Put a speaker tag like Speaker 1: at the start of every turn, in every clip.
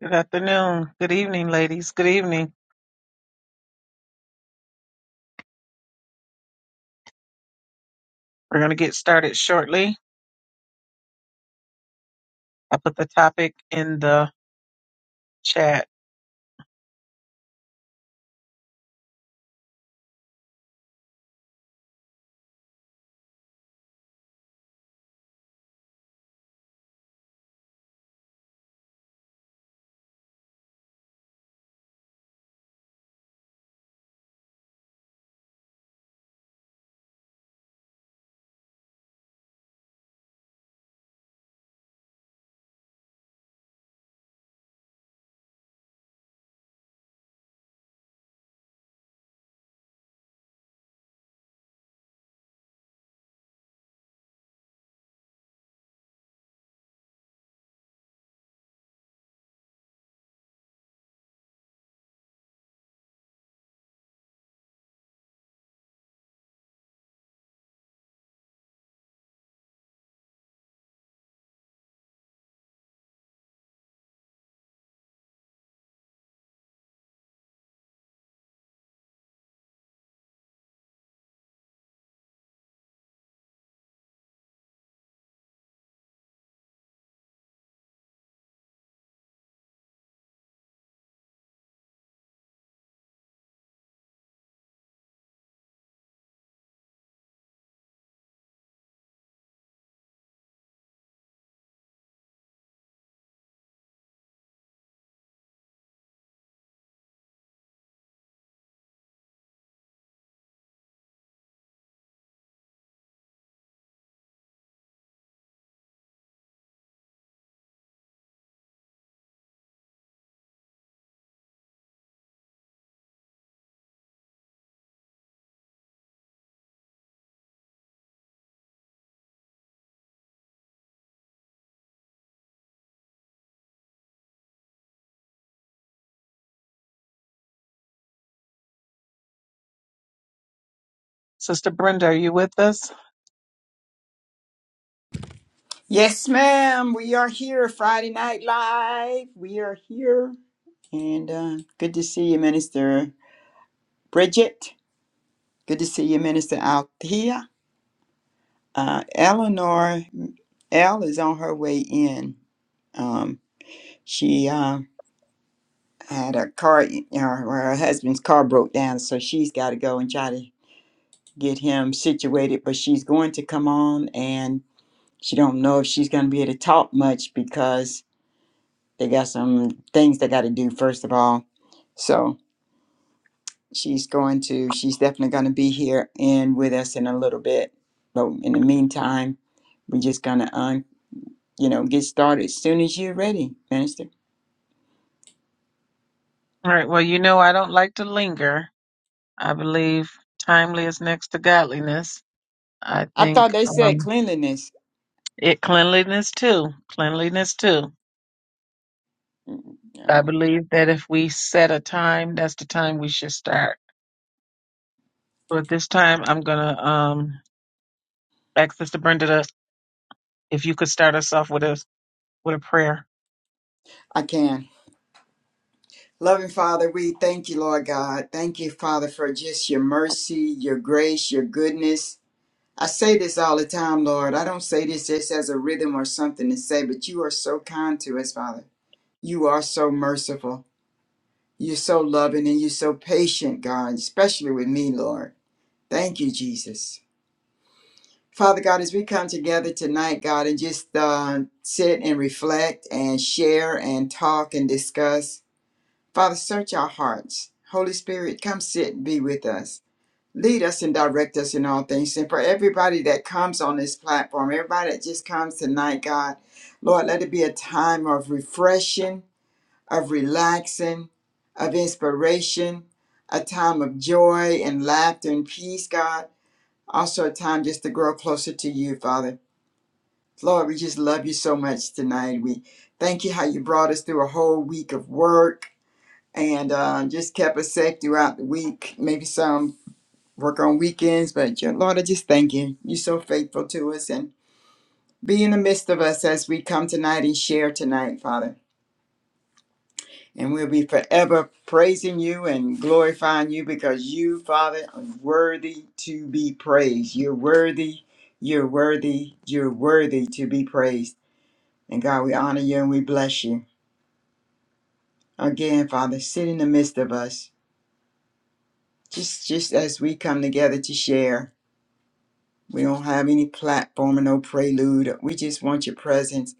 Speaker 1: Good afternoon. Good evening, ladies. Good evening. We're going to get started shortly. I put the topic in the chat. Sister Brenda, are you with us?
Speaker 2: Yes, ma'am. We are here, Friday Night Live. We are here. And uh, good to see you, Minister Bridget. Good to see you, Minister Althea. Uh, Eleanor L is on her way in. Um, she uh, had a car, you know, her husband's car broke down, so she's got to go and try to get him situated. But she's going to come on, and she don't know if she's going to be able to talk much because They got some things they got to do, first of all. So she's going to, she's definitely going to be here and with us in a little bit. But in the meantime, we're just going to, um, you know, get started as soon as you're ready, Minister.
Speaker 1: All right. Well, you know, I don't like to linger. I believe timely is next to godliness. I
Speaker 2: I thought
Speaker 1: think
Speaker 2: they said
Speaker 1: um,
Speaker 2: cleanliness.
Speaker 1: it cleanliness too. Cleanliness too.
Speaker 2: Mm,
Speaker 1: I
Speaker 2: No,
Speaker 1: believe that if we set a time, that's the time we should start. So at this time, I'm going to um, ask Sister Brenda to, if you could start us off with a with a prayer.
Speaker 2: I can. Loving Father, we thank you, Lord God. Thank you, Father, for just your mercy, your grace, your goodness. I say this all the time, Lord. I don't say this just as a rhythm or something to say, but you are so kind to us, Father. You are so merciful. You're so loving and you're so patient, God, especially with me, Lord. Thank you, Jesus. Father God, as we come together tonight, God, and just uh, sit and reflect and share and talk and discuss, Father, search our hearts. Holy Spirit, come sit and be with us. Lead us and direct us in all things. And for everybody that comes on this platform, everybody that just comes tonight, God, Lord, let it be a time of refreshing of relaxing, of inspiration, a time of joy and laughter and peace, God. Also, a time just to grow closer to you, Father. Lord, we just love you so much tonight. We thank you how you brought us through a whole week of work and uh, just kept us safe throughout the week. Maybe some work on weekends, but yeah, Lord, I just thank you. You're so faithful to us and be in the midst of us as we come tonight and share tonight, Father. And we'll be forever praising you and glorifying you because you, Father, are worthy to be praised. You're worthy, you're worthy, you're worthy to be praised. And God, we honor you and we bless you. Again, Father, sit in the midst of us. Just just as we come together to share. We don't have any platform or no prelude. We just want your presence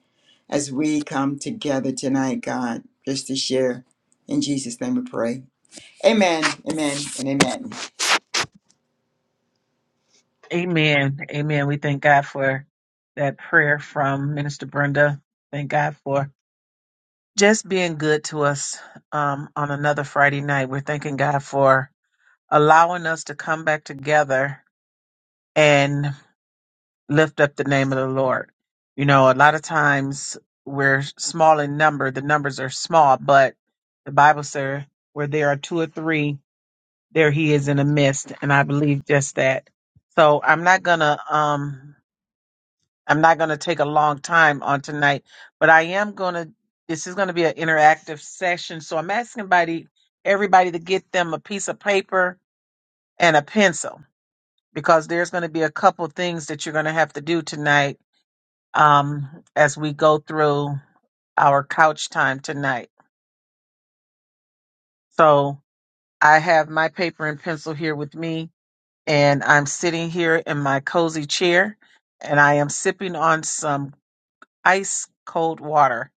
Speaker 2: as we come together tonight, God, just to share. In Jesus' name we pray. Amen. Amen and amen.
Speaker 1: Amen. Amen. We thank God for that prayer from Minister Brenda. Thank God for just being good to us um, on another Friday night. We're thanking God for allowing us to come back together and lift up the name of the Lord. You know, a lot of times we're small in number, the numbers are small, but the Bible says where there are two or three, there he is in the midst. And I believe just that. So I'm not going to. um I'm not going to take a long time on tonight, but I am going to. This is going to be an interactive session, so I'm asking everybody, everybody to get them a piece of paper and a pencil because there's going to be a couple things that you're going to have to do tonight um, as we go through our couch time tonight. So I have my paper and pencil here with me, and I'm sitting here in my cozy chair, and I am sipping on some ice cold water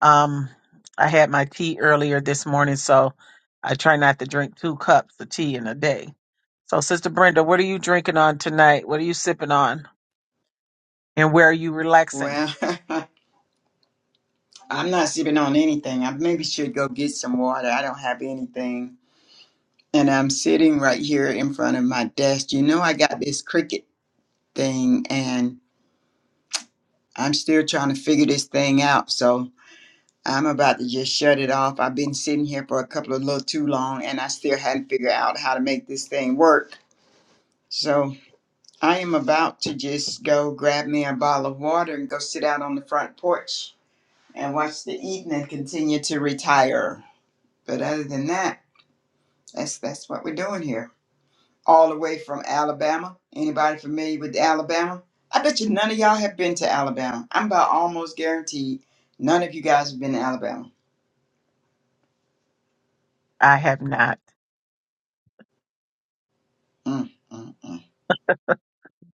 Speaker 1: Um, I had my tea earlier this morning, so I try not to drink two cups of tea in a day. So, Sister Brenda, what are you drinking on tonight? What are you sipping on? And where are you relaxing?
Speaker 2: Well, I'm not sipping on anything. I maybe should go get some water. I don't have anything. And I'm sitting right here in front of my desk. You know, I got this cricket thing and I'm still trying to figure this thing out. So I'm about to just shut it off. I've been sitting here for a couple of little too long and I still hadn't figured out how to make this thing work. So I am about to just go grab me a bottle of water and go sit out on the front porch and watch the evening continue to retire. But other than that, that's that's what we're doing here. All the way from Alabama. Anybody familiar with Alabama? I bet you none of y'all have been to Alabama. I'm about almost guaranteed none of you guys have been to Alabama.
Speaker 1: I have not.
Speaker 2: Mm, mm, mm,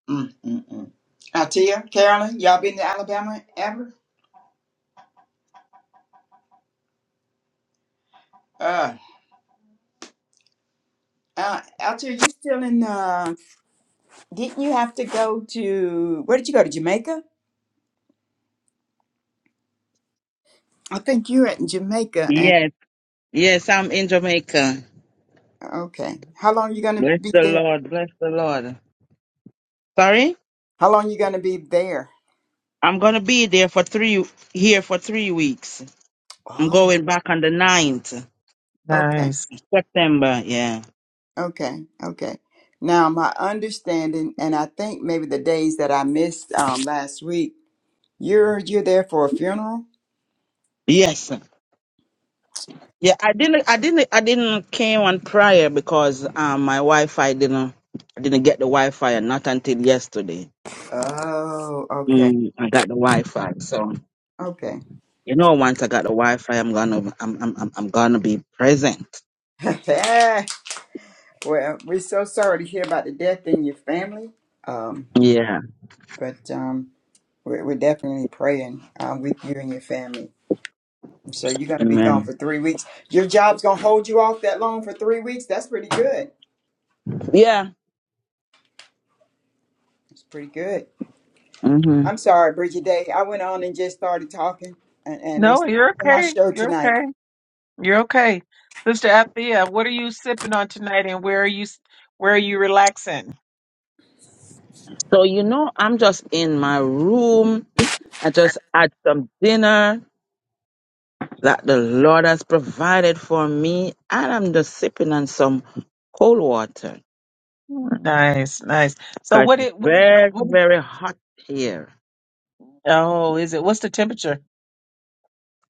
Speaker 2: mm, mm, mm. Altia, Carolyn, y'all been to Alabama ever? Uh, uh, Altia, you still in? Uh, didn't you have to go to? Where did you go to Jamaica? I think you're in Jamaica. And
Speaker 3: Yes, yes, I'm in Jamaica.
Speaker 2: okay, how long you gonna
Speaker 3: Bless
Speaker 2: be
Speaker 3: the
Speaker 2: there?
Speaker 3: Lord, bless the Lord. Sorry?
Speaker 2: How long you gonna be there?
Speaker 3: I'm gonna be there for three here for three weeks. I'm
Speaker 2: Oh.
Speaker 3: going back on the ninth
Speaker 2: Okay,
Speaker 1: Nice.
Speaker 3: September, yeah.
Speaker 2: okay, okay. Now, my understanding, and I think maybe the days that I missed um, last week, you're you're there for a funeral.
Speaker 3: Yes. Yeah, I didn't I didn't I didn't came on prior because um my Wi Fi didn't I didn't get the Wi Fi and not until yesterday.
Speaker 2: Oh, okay,
Speaker 3: Mm, I got the Wi Fi. So
Speaker 2: okay.
Speaker 3: you know once I got the Wi Fi I'm gonna I'm I'm I'm I'm gonna be present.
Speaker 2: well, we're so sorry to hear about the death in your family, um,
Speaker 3: Yeah.
Speaker 2: but um, we're, we're definitely praying um, with you and your family. So you're gonna be gone
Speaker 3: Amen.
Speaker 2: for three weeks. Your job's gonna hold you off that long for three weeks. That's pretty good.
Speaker 3: Yeah.
Speaker 2: It's pretty good. I'm sorry, Bridget Day. I went on and just started talking, and, and
Speaker 1: No,
Speaker 2: it's
Speaker 1: you're
Speaker 2: not my
Speaker 1: okay.
Speaker 2: show
Speaker 1: You're
Speaker 2: tonight.
Speaker 1: okay. You're okay. Sister Athea, what are you sipping on tonight? And where are you? Where are you relaxing?
Speaker 3: So you know, I'm just in my room. I just had some dinner that the Lord has provided for me, and I'm just sipping on some cold water
Speaker 1: Nice, nice. So,
Speaker 3: because
Speaker 1: what
Speaker 3: it's
Speaker 1: it? What? It,
Speaker 3: very,
Speaker 1: what it,
Speaker 3: very hot here.
Speaker 1: oh, is it? What's the temperature?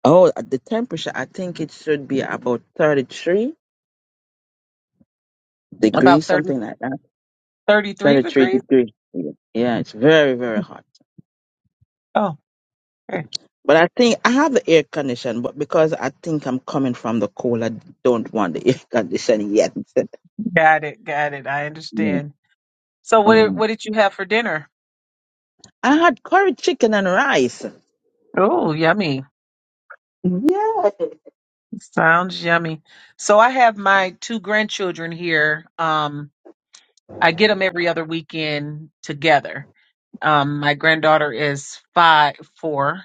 Speaker 3: Oh, uh, the temperature, I think it should be about 33 degrees,
Speaker 1: About thirty.
Speaker 3: something like that.
Speaker 1: 33
Speaker 3: 33
Speaker 1: degrees?
Speaker 3: degrees. Yeah, it's very, very hot.
Speaker 1: Oh, okay.
Speaker 3: But I think I have the air condition, but because I think I'm coming from the cold, I don't want the air condition yet.
Speaker 1: Got it. Got it. I understand. So what did, what
Speaker 3: Mm.
Speaker 1: did you have for dinner?
Speaker 3: I had curry chicken and rice.
Speaker 1: Oh, yummy.
Speaker 3: Yes.
Speaker 1: Sounds yummy. So I have my two grandchildren here. Um, I get them every other weekend together. Um, my granddaughter is five, four,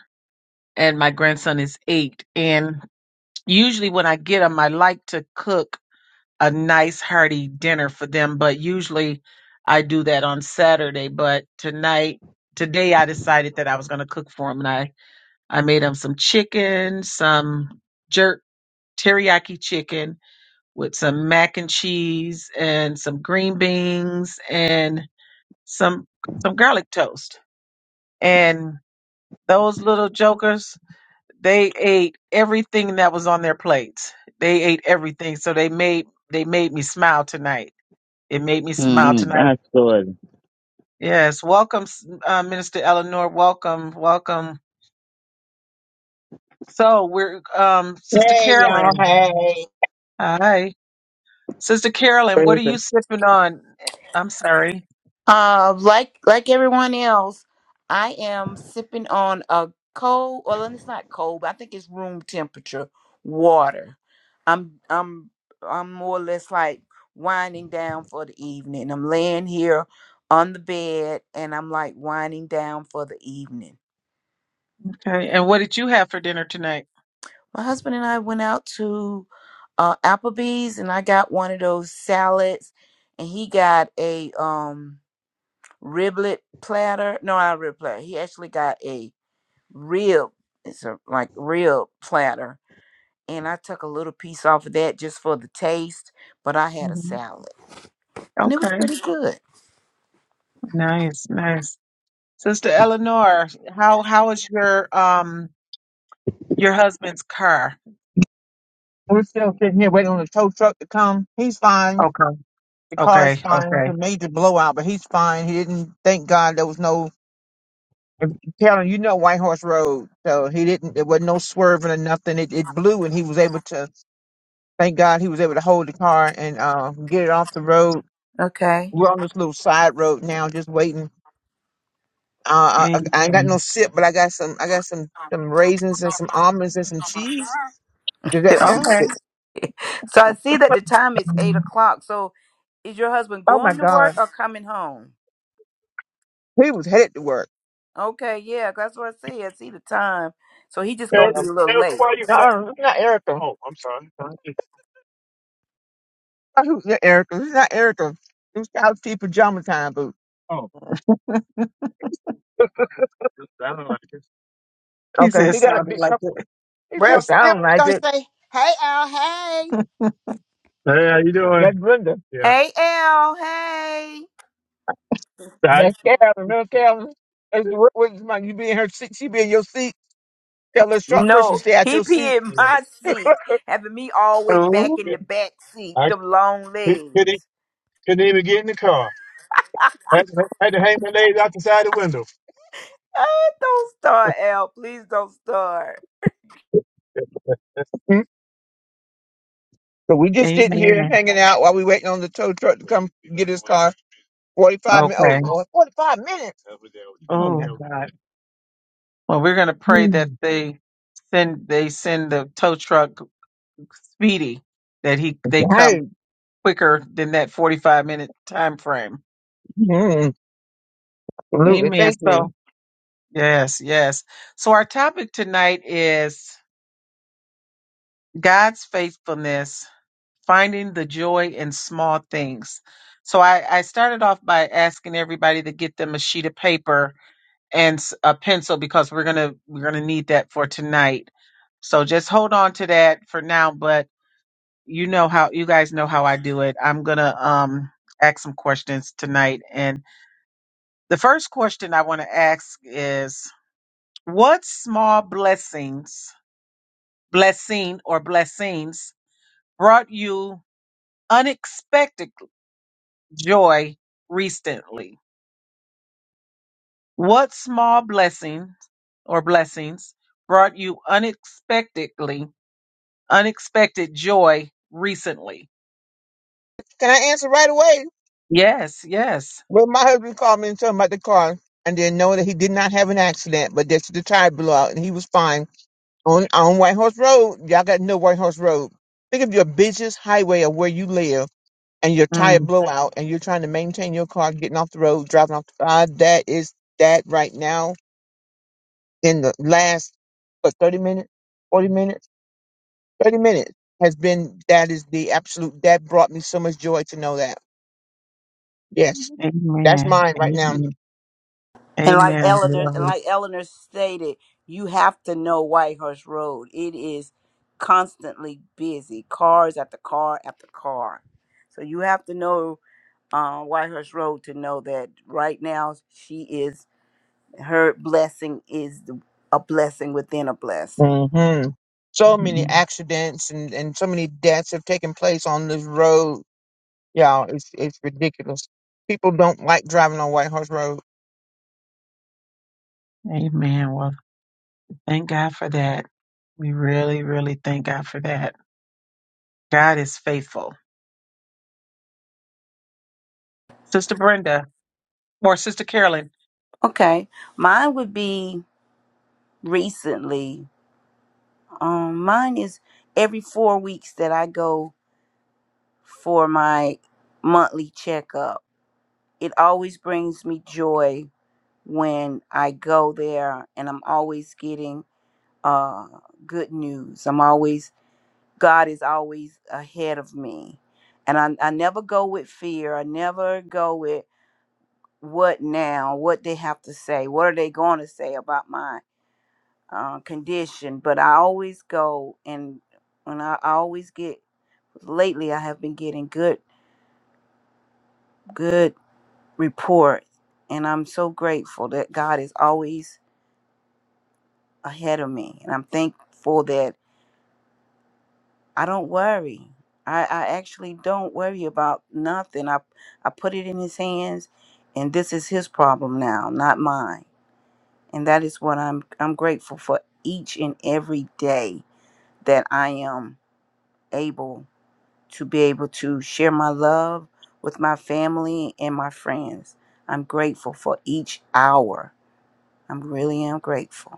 Speaker 1: and my grandson is eight. And usually when I get them, I like to cook a nice hearty dinner for them. But usually I do that on Saturday. But tonight, today I decided that I was going to cook for them. And I, I made them some chicken, some jerk teriyaki chicken with some mac and cheese and some green beans and some, some garlic toast. And those little jokers, they ate everything that was on their plates. They ate everything. So they made, they made me smile tonight it made me smile
Speaker 3: Mm,
Speaker 1: tonight.
Speaker 3: that's good.
Speaker 1: Yes, welcome, S- uh, Minister Eleanor. Welcome, welcome. So we're um, Sister
Speaker 4: Hey y'all,
Speaker 1: Carolyn.
Speaker 4: hey.
Speaker 1: Hi, Sister Carolyn. What
Speaker 3: Praise
Speaker 1: are you
Speaker 3: the
Speaker 1: sipping on? I'm sorry.
Speaker 5: Uh, like like everyone else, I am sipping on a cold. Well, it's not cold, but I think it's room temperature water. I'm I'm I'm more or less like winding down for the evening. I'm laying here on the bed, and I'm like winding down for the evening.
Speaker 1: Okay, and what did you have for dinner tonight?
Speaker 5: My husband and I went out to uh, Applebee's, and I got one of those salads, and he got a um riblet platter. No, not a riblet platter. He actually got a Rib, it's a like rib platter and i took a little piece off of that just for the taste but i had a
Speaker 1: hmm
Speaker 5: salad and it was
Speaker 1: Okay,
Speaker 5: pretty good
Speaker 1: nice, nice. Sister Eleanor, how how is your um your husband's car?
Speaker 4: We're still sitting here waiting on the tow truck to come. He's fine.
Speaker 1: Okay,
Speaker 4: The car's
Speaker 1: okay,
Speaker 4: fine. It's a
Speaker 1: okay.
Speaker 4: major blowout, but he's fine. He didn't thank God there was no Carolyn, you know White Horse Road. So he didn't there was no swerving or nothing. It it blew and he was able to thank God he was able to hold the car and uh get it off the road.
Speaker 5: okay
Speaker 4: We're on this little side road now, just waiting. Uh I, I ain't got no
Speaker 1: Amen.
Speaker 4: sip, but I got some I got some some raisins and some almonds and some cheese. Does that count?
Speaker 1: Okay,
Speaker 5: so i see that the time is eight o'clock so is your husband
Speaker 4: Oh my
Speaker 5: going to
Speaker 4: God.
Speaker 5: work or coming home
Speaker 4: He was headed to work.
Speaker 5: okay yeah that's what i see i see the time so he just gonna
Speaker 4: Erica,
Speaker 5: be
Speaker 4: Um,
Speaker 5: a little
Speaker 4: Erica,
Speaker 5: late
Speaker 4: why you not? No, it's not Erica. Oh, I'm sorry. I who's not Erica. It's not Erica. It was T pajama time boots. I don't like it.
Speaker 1: he
Speaker 4: Okay, he
Speaker 1: says
Speaker 4: got a
Speaker 1: sounded
Speaker 4: big
Speaker 1: like
Speaker 4: couple.
Speaker 1: it.
Speaker 4: He
Speaker 2: Well,
Speaker 4: says, I
Speaker 2: still
Speaker 4: don't like
Speaker 2: gonna
Speaker 4: it.
Speaker 2: say, hey, Al, hey.
Speaker 4: Hey, how you doing? That's Brenda. Yeah.
Speaker 5: hey l hey
Speaker 4: How you- That's Calvin. Remember Calvin? That's the word was my you be in her seat, she be in your seat. Tell a short person to
Speaker 5: no
Speaker 4: stay out
Speaker 5: he
Speaker 4: your seat.
Speaker 5: pee in
Speaker 4: Yeah.
Speaker 5: my seat having me all the way
Speaker 1: Oh,
Speaker 5: back in
Speaker 4: Good.
Speaker 5: the back seat with
Speaker 4: I
Speaker 5: them long
Speaker 4: could- couldn't
Speaker 5: legs
Speaker 4: couldn't even get in the car. Had to, had to hang my legs out the side of the window.
Speaker 5: Ah, don't start, Al. Please don't start.
Speaker 4: So we just sitting here
Speaker 1: amen.
Speaker 4: hanging out while we waiting on the tow truck to come get his car. Forty-five minutes.
Speaker 1: Okay.
Speaker 4: Oh Lord, forty-five minutes. Oh my
Speaker 1: Oh,
Speaker 4: God.
Speaker 1: well, we're gonna pray that
Speaker 4: Mm,
Speaker 1: they send they send the tow truck speedy that he they come
Speaker 4: Right.
Speaker 1: quicker than that forty five minute time frame.
Speaker 4: Mm, Absolutely.
Speaker 1: Amen.
Speaker 4: Thank
Speaker 1: So
Speaker 4: you.
Speaker 1: yes, yes. So our topic tonight is God's faithfulness, finding the joy in small things. So I, I started off by asking everybody to get them a sheet of paper and s- a pencil because we're gonna we're gonna need that for tonight. So just hold on to that for now. But you know how you guys know how I do it. I'm gonna um ask some questions tonight, and the first question I want to ask is, what small blessings, blessing or blessings, brought you unexpected joy recently? What small blessing or blessings brought you unexpectedly unexpected joy recently.
Speaker 4: Can I answer right away?
Speaker 1: Yes, yes.
Speaker 4: Well, my husband called me and told me about the car, and then knowing that he did not have an accident, but that's the tire blew out, and he was fine on on White Horse Road. Y'all got to know White Horse Road. Think of your busiest highway of where you live and your tire
Speaker 1: Mm,
Speaker 4: blow out and you're trying to maintain your car getting off the road, driving off the side, that is that right now in the last what 30 minutes, 40 minutes, 30 minutes has been that is the absolute that brought me so much joy to know that. Yes, that's
Speaker 1: amen.
Speaker 4: mine right now.
Speaker 1: Amen.
Speaker 5: And like
Speaker 1: Amen. We
Speaker 5: Eleanor,
Speaker 1: love
Speaker 5: and
Speaker 1: you.
Speaker 5: like Eleanor stated, you have to know Whitehorse Road. It is constantly busy, cars after car after car. So you have to know uh, Whitehorse Road to know that right now she is her blessing is the- a blessing within a blessing.
Speaker 4: hmm So many
Speaker 1: Mhm.
Speaker 4: accidents and, and so many deaths have taken place on this road. Y'all, it's it's ridiculous. People don't like driving on White Horse Road.
Speaker 1: Amen. Well, thank God for that. We really, really thank God for that. God is faithful. Sister Brenda or Sister Carolyn.
Speaker 5: Okay, mine would be recently. Um, mine is every four weeks that I go. for my monthly checkup. It always brings me joy when I go there and I'm always getting uh, good news. I'm always, God is always ahead of me. And I, I never go with fear. I never go with what now, what they have to say, what are they going to say about my uh, condition. But I always go and when I, I always get, lately I have been getting good, good. report. And I'm so grateful that God is always ahead of me. And I'm thankful that I don't worry. I, I actually don't worry about nothing. I, I put it in his hands and this is his problem now, not mine. And that is what I'm I'm grateful for each and every day that I am able to be able to share my love with my family and my friends. I'm grateful for each hour. I'm really am grateful.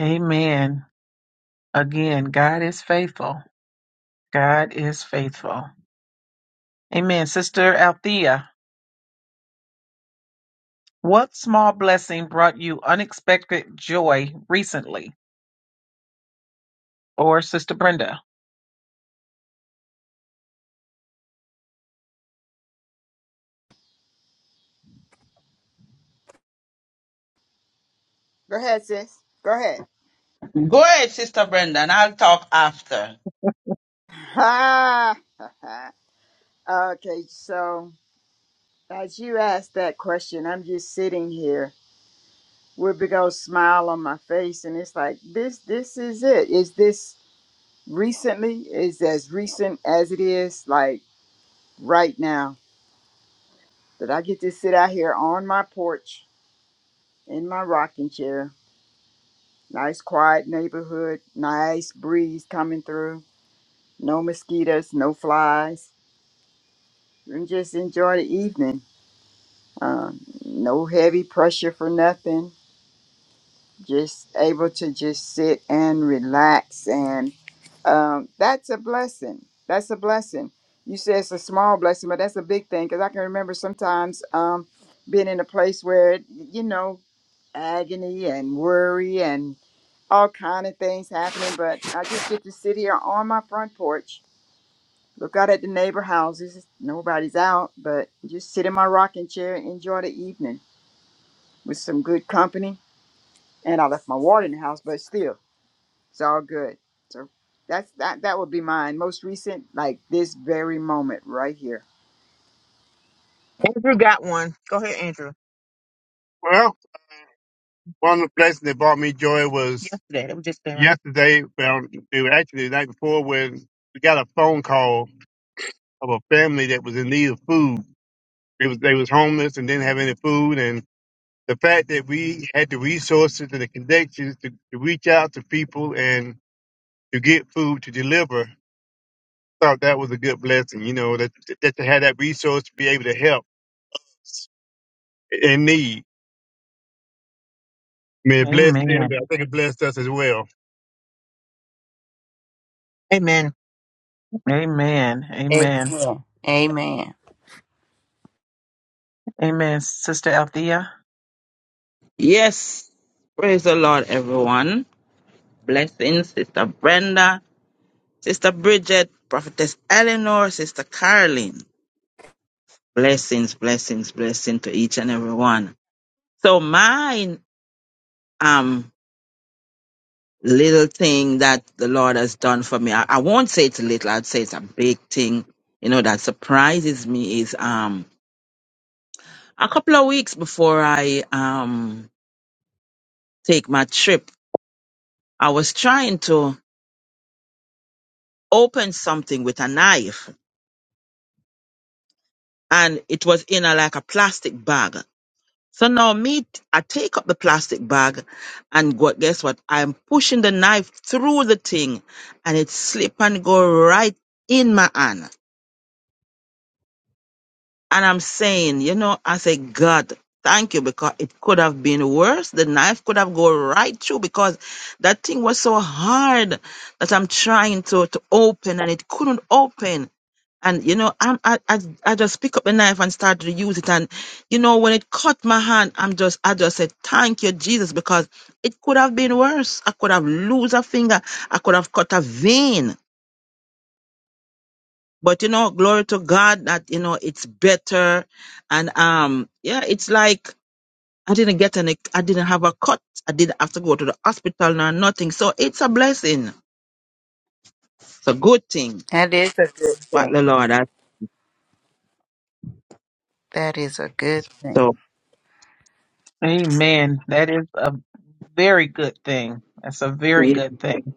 Speaker 1: Amen. Again, God is faithful. God is faithful. Amen. Sister Althea, what small blessing brought you unexpected joy recently? Or Sister Brenda?
Speaker 2: Go ahead, sis. Go ahead.
Speaker 3: Go ahead, Sister Brenda, and I'll talk after.
Speaker 2: Ha. okay, so as you asked that question, I'm just sitting here with a big old smile on my face, and it's like this. This is it. Is this recently? Is as recent as it is like right now that I get to sit out here on my porch in my rocking chair Nice quiet neighborhood, nice breeze coming through, no mosquitoes, no flies, and just enjoy the evening. Um, no heavy pressure for nothing, just able to just sit and relax. And um, that's a blessing. That's a blessing. You say it's a small blessing, but that's a big thing because I can remember sometimes um, being in a place where, you know, agony and worry and. all kind of things happening, but I just get to sit here on my front porch, look out at the neighbor houses. Nobody's out, but just sit in my rocking chair and enjoy the evening with some good company. And I left my water in the house, but still, it's all good. So that's that. That would be mine. Most recent, like this very moment right here.
Speaker 4: Andrew got one. Go ahead, Andrew. One of the blessings that brought me joy was Yesterday, that we just been right. yesterday. Well, it was actually the night before when we got a phone call of a family that was in need of food. It was they was homeless and didn't have any food, and the fact that we had the resources and the connections to, to reach out to people and to get food to deliver, thought that was a good blessing. You know that that to have that resource to be able to help in need. I mean, it blessed them,
Speaker 1: Amen.
Speaker 4: but I think it blessed us as well. Amen.
Speaker 1: Amen.
Speaker 5: Amen.
Speaker 1: Amen.
Speaker 5: Amen.
Speaker 1: Amen. Sister Althea.
Speaker 3: Yes. Praise the Lord, everyone. Blessings, Sister Brenda, Sister Bridget, Prophetess Eleanor, Sister Caroline. Blessings, blessings, blessings to each and everyone. So mine, um, little thing that the Lord has done for me. I, I won't say it's little, I'd say it's a big thing, you know, that surprises me is um a couple of weeks before I um take my trip, I was trying to open something with a knife and it was in a like a plastic bag. So now me t- I take up the plastic bag and go, guess what? I'm pushing the knife through the thing and it slip and go right in my hand And I'm saying, you know, I say, God, thank you because it could have been worse. The knife could have gone right through because that thing was so hard that I'm trying to, to open and it couldn't open. And, you know, I'm, I, I, I just pick up the knife and start to use it. And, you know, when it cut my hand, I'm just, I just said, thank you, Jesus, because it could have been worse. I could have lost a finger. I could have cut a vein but you know glory to god that you know it's better and um yeah it's like i didn't get any i didn't have a cut i didn't have to go to the hospital nor nothing so it's a blessing it's a good thing
Speaker 5: That is a good
Speaker 3: what the
Speaker 5: thing.
Speaker 3: lord has
Speaker 5: That is a good thing.
Speaker 3: so
Speaker 1: Amen. That is a very good thing. That's a very
Speaker 3: yeah.
Speaker 1: good thing.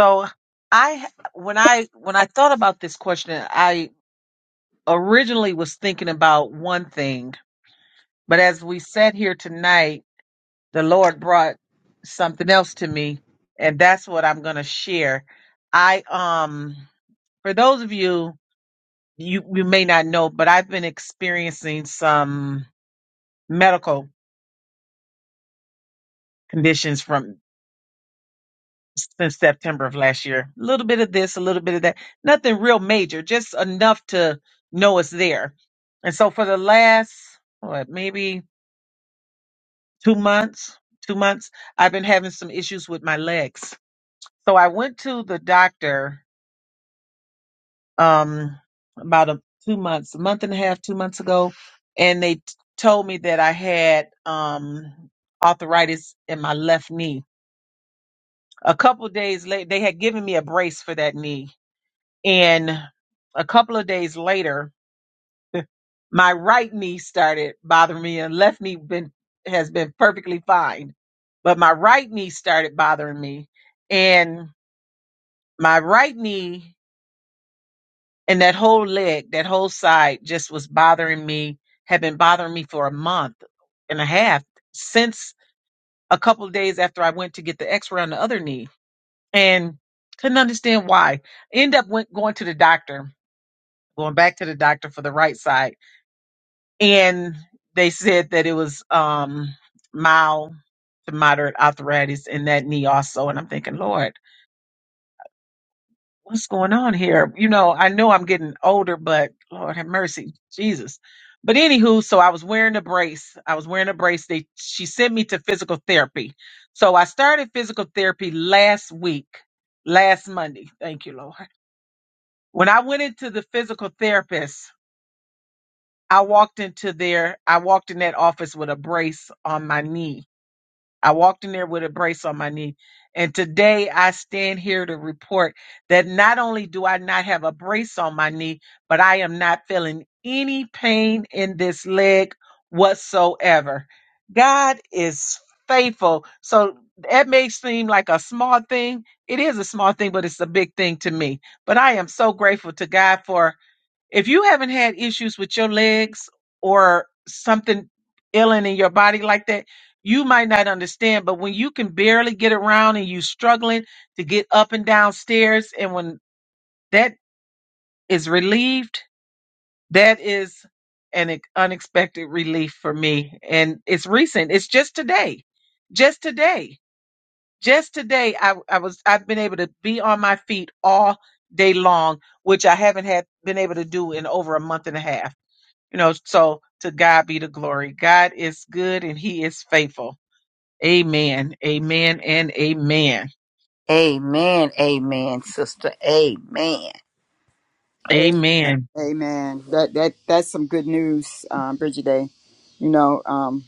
Speaker 1: So I when I when I thought about this question, I originally was thinking about one thing, but as we sat here tonight, the Lord brought something else to me, and that's what I'm going to share. I um for those of you you you may not know, but I've been experiencing some medical conditions from since September of last year. A little bit of this, a little bit of that. Nothing real major, just enough to know it's there. And so for the last what maybe two months, two months, I've been having some issues with my legs. So I went to the doctor um about a, two months, a month and a half, two months ago, and they t- told me that I had um arthritis in my left knee a couple days later they had given me a brace for that knee and a couple of days later my right knee started bothering me and left knee been has been perfectly fine but my right knee started bothering me and my right knee and that whole leg that whole side just was bothering me had been bothering me for a month and a half since a couple of days after I went to get the x-ray on the other knee and couldn't understand why. End up went going to the doctor, going back to the doctor for the right side, and they said that it was um mild to moderate arthritis in that knee also. And I'm thinking, Lord, what's going on here? You know, I know I'm getting older, but Lord have mercy, Jesus. But anywho, so I was wearing a brace. I was wearing a brace. They she sent me to physical therapy. So I started physical therapy last week, last Monday. Thank you, Lord When I went into the physical therapist, I walked into there, I walked in that office with a brace on my knee. I walked in there with a brace on my knee. And today I stand here to report that not only do I not have a brace on my knee, but I am not feeling any pain in this leg whatsoever. God is faithful. So that may seem like a small thing. It is a small thing, but it's a big thing to me. But I am so grateful to God for if you haven't had issues with your legs or something ailing in your body like that, you might not understand. But when you can barely get around and you struggling to get up and down stairs, and when that is relieved, that is an ex- unexpected relief for me. And it's recent. It's just today. Just today. Just today I, I was I've been able to be on my feet all day long, which I haven't had been able to do in over a month and a half you know, so to God be the glory. God is good and he is faithful. Amen. Amen and amen.
Speaker 5: Amen. Amen, sister. Amen.
Speaker 2: Amen.
Speaker 1: Amen.
Speaker 2: Amen. That that that's some good news, um, Bridget Day. You know, um,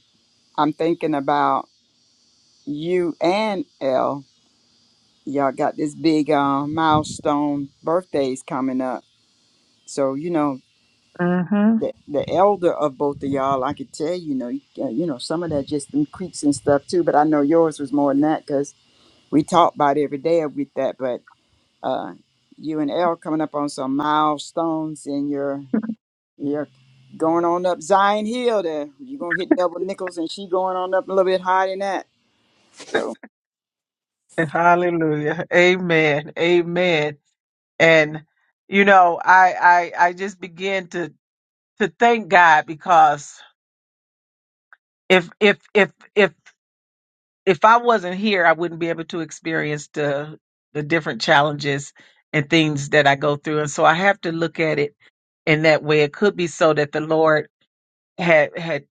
Speaker 2: I'm thinking about you and Elle. y'all got this big uh, milestone birthdays coming up. So you know
Speaker 1: hmm
Speaker 2: the the elder of both of y'all, I could tell you know you, uh, you know some of that just them creeps and stuff too. But I know yours was more than that because we talk about it every day with that. But uh, you and El coming up on some milestones and you're you're going on up Zion Hill there. You're gonna hit double nickels and she going on up a little bit higher than that. So
Speaker 1: Hallelujah. Amen. Amen. And you know, I I I just begin to to thank God because if if if if if I wasn't here, I wouldn't be able to experience the the different challenges and things that I go through. And so I have to look at it in that way. It could be so that the Lord had had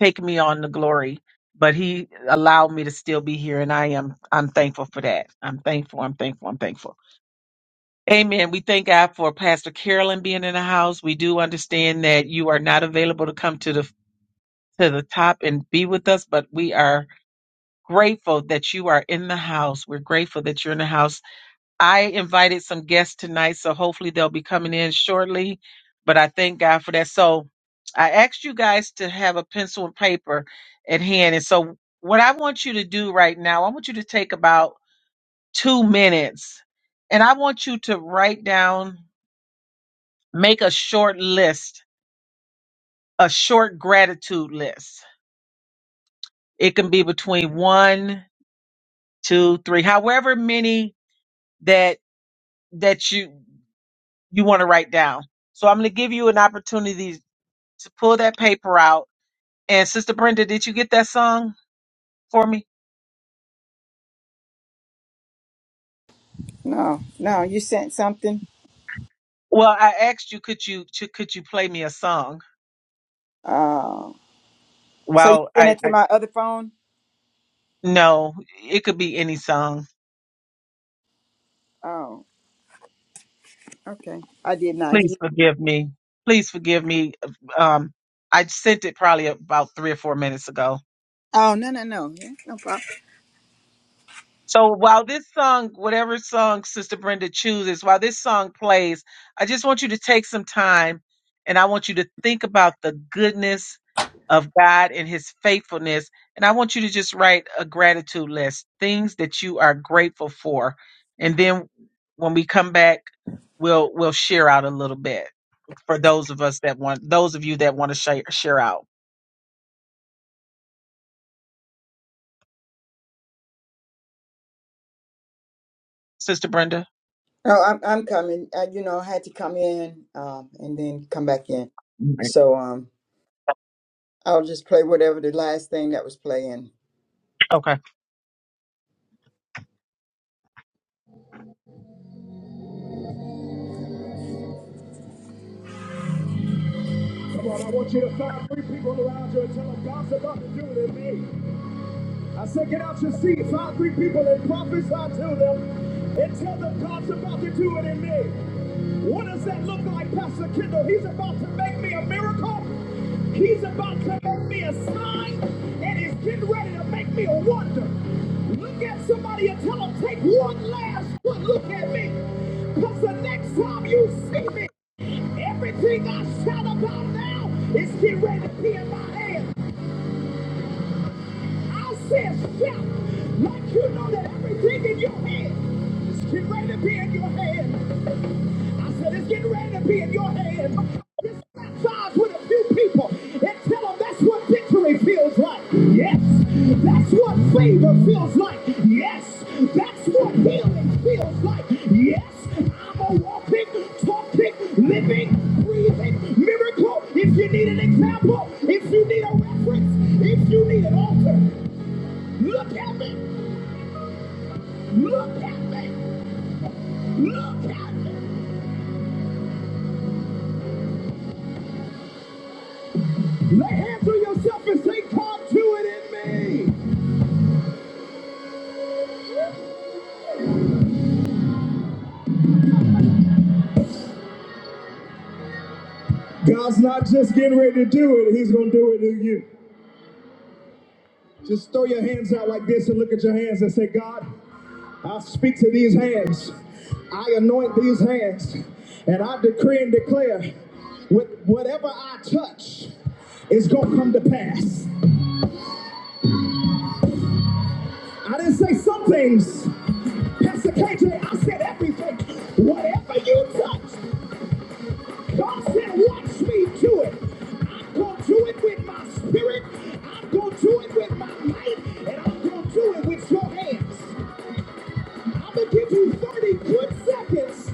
Speaker 1: taken me on the glory, but he allowed me to still be here and I am I'm thankful for that. I'm thankful, I'm thankful, I'm thankful. Amen. We thank God for Pastor Carolyn being in the house. We do understand that you are not available to come to the to the top and be with us, but we are grateful that you are in the house. We're grateful that you're in the house. I invited some guests tonight, so hopefully they'll be coming in shortly. But I thank God for that. So I asked you guys to have a pencil and paper at hand. And so what I want you to do right now, I want you to take about two minutes and I want you to write down Make a short list, a short gratitude list. It can be between one, two, three, however many that that you you want to write down. So I'm going to give you an opportunity to pull that paper out. And Sister Brenda, did you get that song for me?
Speaker 2: no, no, you sent something.
Speaker 1: Well, I asked you, could you to, could you play me a song?
Speaker 2: Uh, so you
Speaker 1: Well,
Speaker 2: sent
Speaker 1: I,
Speaker 2: it to
Speaker 1: I
Speaker 2: my other phone?
Speaker 1: no, it could be any song.
Speaker 2: Oh, okay. I did not.
Speaker 1: Please
Speaker 2: hear-
Speaker 1: forgive me. Please forgive me. Um, I sent it probably about three or four minutes ago.
Speaker 2: Oh, no, no, no. Yeah, no problem.
Speaker 1: So while this song, whatever song Sister Brenda chooses, while this song plays, I just want you to take some time and I want you to think about the goodness of God and his faithfulness. And I want you to just write a gratitude list, things that you are grateful for. And then when we come back, we'll we'll share out a little bit for those of us that want those of you that want to share share out. Sister Brenda?
Speaker 2: No, I'm I'm coming. I, you know, I had to come in um, and then come back in.
Speaker 1: Right.
Speaker 2: So um, I'll just play whatever the last thing that was playing.
Speaker 1: Okay.
Speaker 2: Come on, I want you to find three people around you and tell them God's about to do it in me. I said, get out your seats, all three people, and prophesy to them and tell them God's about to do it in me. What does that look like, Pastor Kendall? He's about to make me a miracle. He's about to make me a sign, and he's getting ready to make me a wonder. Look at somebody and tell them, take one last good look at me. Because the next time you see me, everything I shout about now is getting ready to be in my hands. I said, step. Like you know that everything in your hand is getting ready to be in your hand. I said, it's getting ready to be in your hand. Just baptize with a few people and tell them that's what victory feels like. Yes. That's what favor feels like. Yes. That's what healing feels like. Yes. I'm a walking, talking, living, breathing miracle. If you need an example, if you need a reference, if you need an altar, Look at me. Look at me. Look at me. Lay hands on yourself and say, come to it in me. God's not just getting ready to do it, He's going to do it in you. Just throw your hands out like this and look at your hands and say, God, I speak to these hands. I anoint these hands. And I decree and declare with whatever I touch is going to come to pass. I didn't say some things. Pastor KJ, I said everything. Whatever you touch. God said, watch me do it. I'm going to do it with my spirit. I'm going to do it with my might. And I'm going to do it with your hands. I'm going to give you 30 good seconds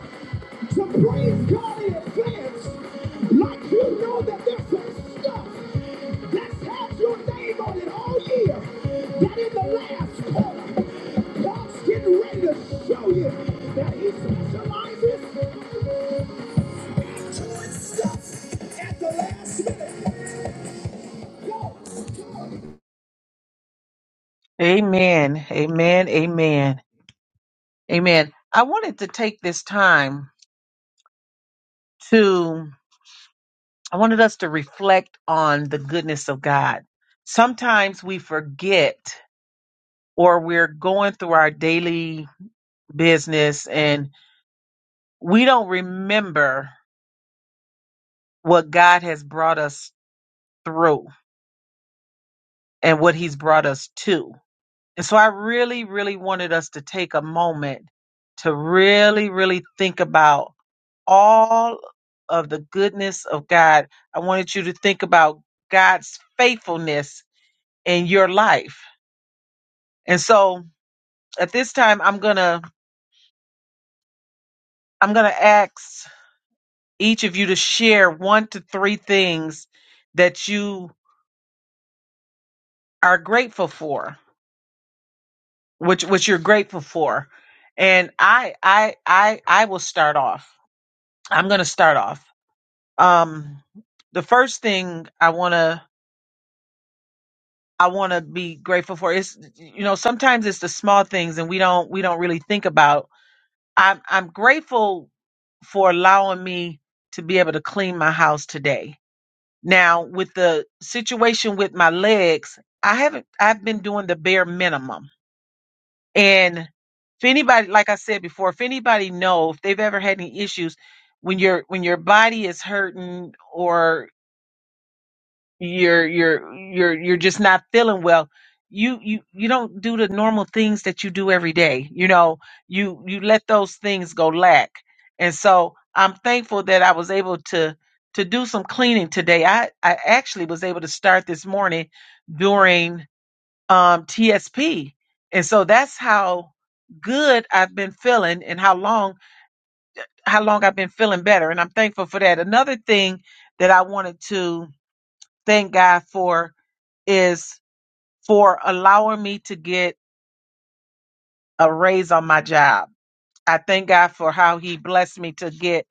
Speaker 2: to praise God in advance, like you know that there's some stuff that's had your name on it all year, that in the last quarter, God's getting ready to show you that He specializes in doing stuff at the last minute. Go, go,
Speaker 1: Amen. Amen. Amen. Amen. I wanted to take this time to, I wanted us to reflect on the goodness of God. Sometimes we forget or we're going through our daily business and we don't remember what God has brought us through and what he's brought us to. And so I really, really wanted us to take a moment to really, really think about all of the goodness of God. I wanted you to think about God's faithfulness in your life. And so at this time I'm going to I'm going to ask each of you to share one to three things that you are grateful for, which which you're grateful for. And I I I I will start off. I'm going to start off. Um the first thing I want to I want to be grateful for. It's you know sometimes it's the small things and we don't we don't really think about. I'm I'm grateful for allowing me to be able to clean my house today. Now with the situation with my legs, I haven't I've been doing the bare minimum. And if anybody, like I said before, if anybody know if they've ever had any issues when your when your body is hurting or you're you're you're you're just not feeling well you you you don't do the normal things that you do every day you know you you let those things go lack and so i'm thankful that i was able to to do some cleaning today i i actually was able to start this morning during um tsp and so that's how good i've been feeling and how long how long i've been feeling better and i'm thankful for that another thing that i wanted to thank god for is for allowing me to get a raise on my job. I thank God for how he blessed me to get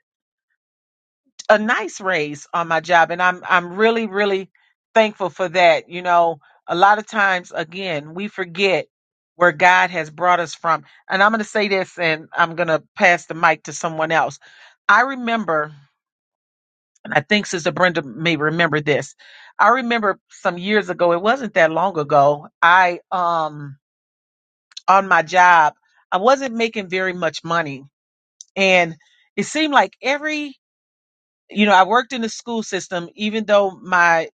Speaker 1: a nice raise on my job and I'm I'm really really thankful for that. You know, a lot of times again, we forget where God has brought us from. And I'm going to say this and I'm going to pass the mic to someone else. I remember, and I think Sister Brenda may remember this. I remember some years ago, it wasn't that long ago, I um on my job, I wasn't making very much money. And it seemed like every, you know, I worked in the school system, even though my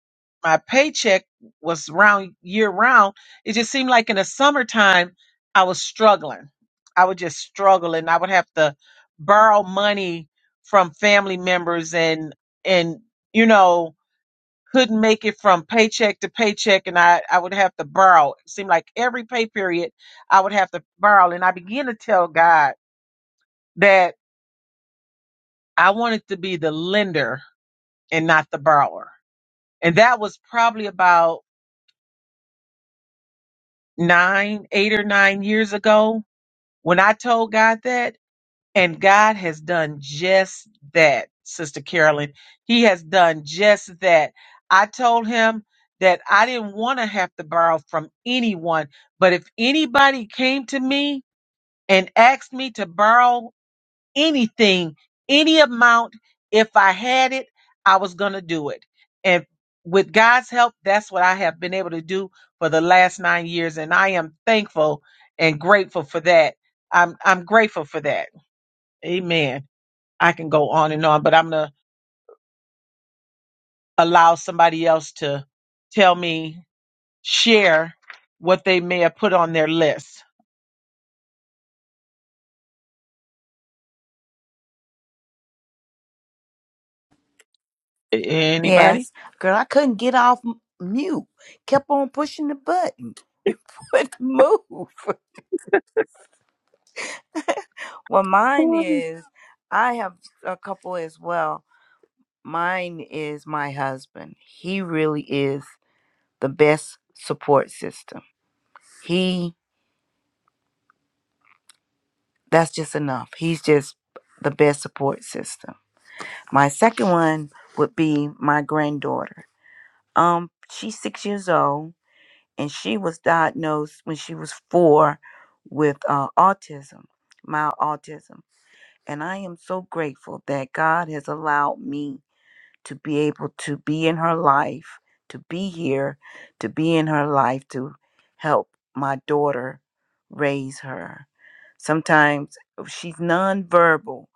Speaker 1: my paycheck was round year round, it just seemed like in the summertime I was struggling. I would just struggle and I would have to borrow money from family members and and you know couldn't make it from paycheck to paycheck and I, I would have to borrow. It seemed like every pay period I would have to borrow. And I began to tell God that I wanted to be the lender and not the borrower. And that was probably about nine, eight or nine years ago when I told God that. And God has done just that, Sister Carolyn. He has done just that. I told him that I didn't want to have to borrow from anyone, but if anybody came to me and asked me to borrow anything, any amount, if I had it, I was going to do it. And with God's help, that's what I have been able to do for the last nine years. And I am thankful and grateful for that. I'm, I'm grateful for that. Amen. I can go on and on, but I'm going to allow somebody else to tell me, share what they may have put on their list. A- Anybody?
Speaker 5: Yes. Girl, I couldn't get off m- mute. Kept on pushing the button. It wouldn't move. Well, mine
Speaker 1: Ooh,
Speaker 5: is, I have a couple as well. Mine is my husband. He really is the best support system. He, that's just enough. He's just the best support system My second one would be my granddaughter. Um, she's six years old, and she was diagnosed when she was four with uh, autism, mild autism. And I am so grateful that God has allowed me to be able to be in her life, to be here, to be in her life, to help my daughter raise her. Sometimes oh, she's nonverbal,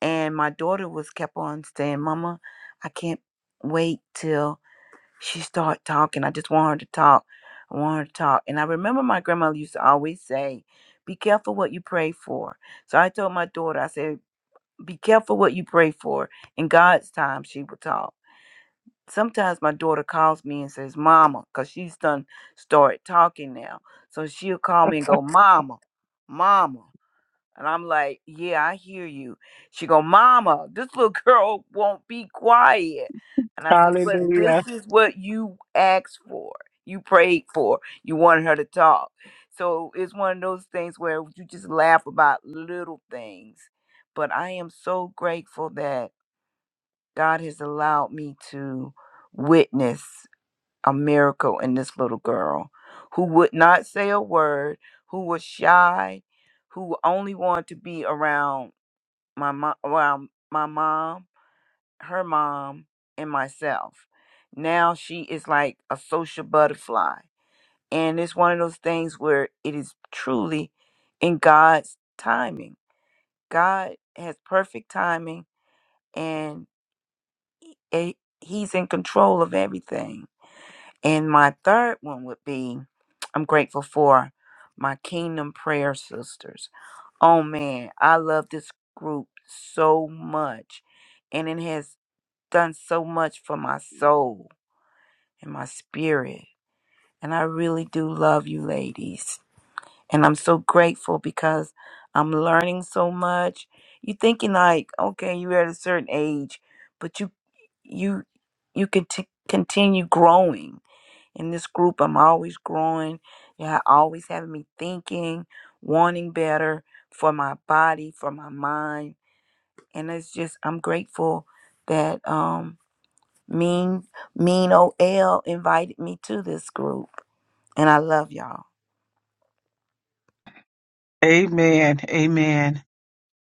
Speaker 5: and my daughter was kept on saying, Mama, I can't wait till she start talking. I just want her to talk. I want her to talk. And I remember my grandmother used to always say, Be careful what you pray for. So I told my daughter, I said, Be careful what you pray for. In God's time she will talk. Sometimes my daughter calls me and says, Mama, because she's done started talking now. So she'll call me and go, Mama, Mama. And I'm like, yeah, I hear you. She go, mama, this little girl won't be quiet. And I said, but this
Speaker 1: Hallelujah.
Speaker 5: is what you asked for. You prayed for. You wanted her to talk. So it's one of those things where you just laugh about little things. But I am so grateful that God has allowed me to witness a miracle in this little girl who would not say a word, who was shy, who only wanted to be around my mom, around my mom, her mom, and myself. Now she is like a social butterfly. And it's one of those things where it is truly in God's timing. God has perfect timing and it, he's in control of everything And my third one would be I'm grateful for my Kingdom Prayer Sisters. Oh man, I love this group so much. And it has done so much for my soul and my spirit. And I really do love you ladies. And I'm so grateful because I'm learning so much. You thinking like, okay, you're at a certain age, but you you you can t- continue growing in this group. I'm always growing. Yeah, always having me thinking, wanting better for my body, for my mind. And it's just I'm grateful that um mean mean OL invited me to this group. And I love y'all.
Speaker 1: Amen. Amen.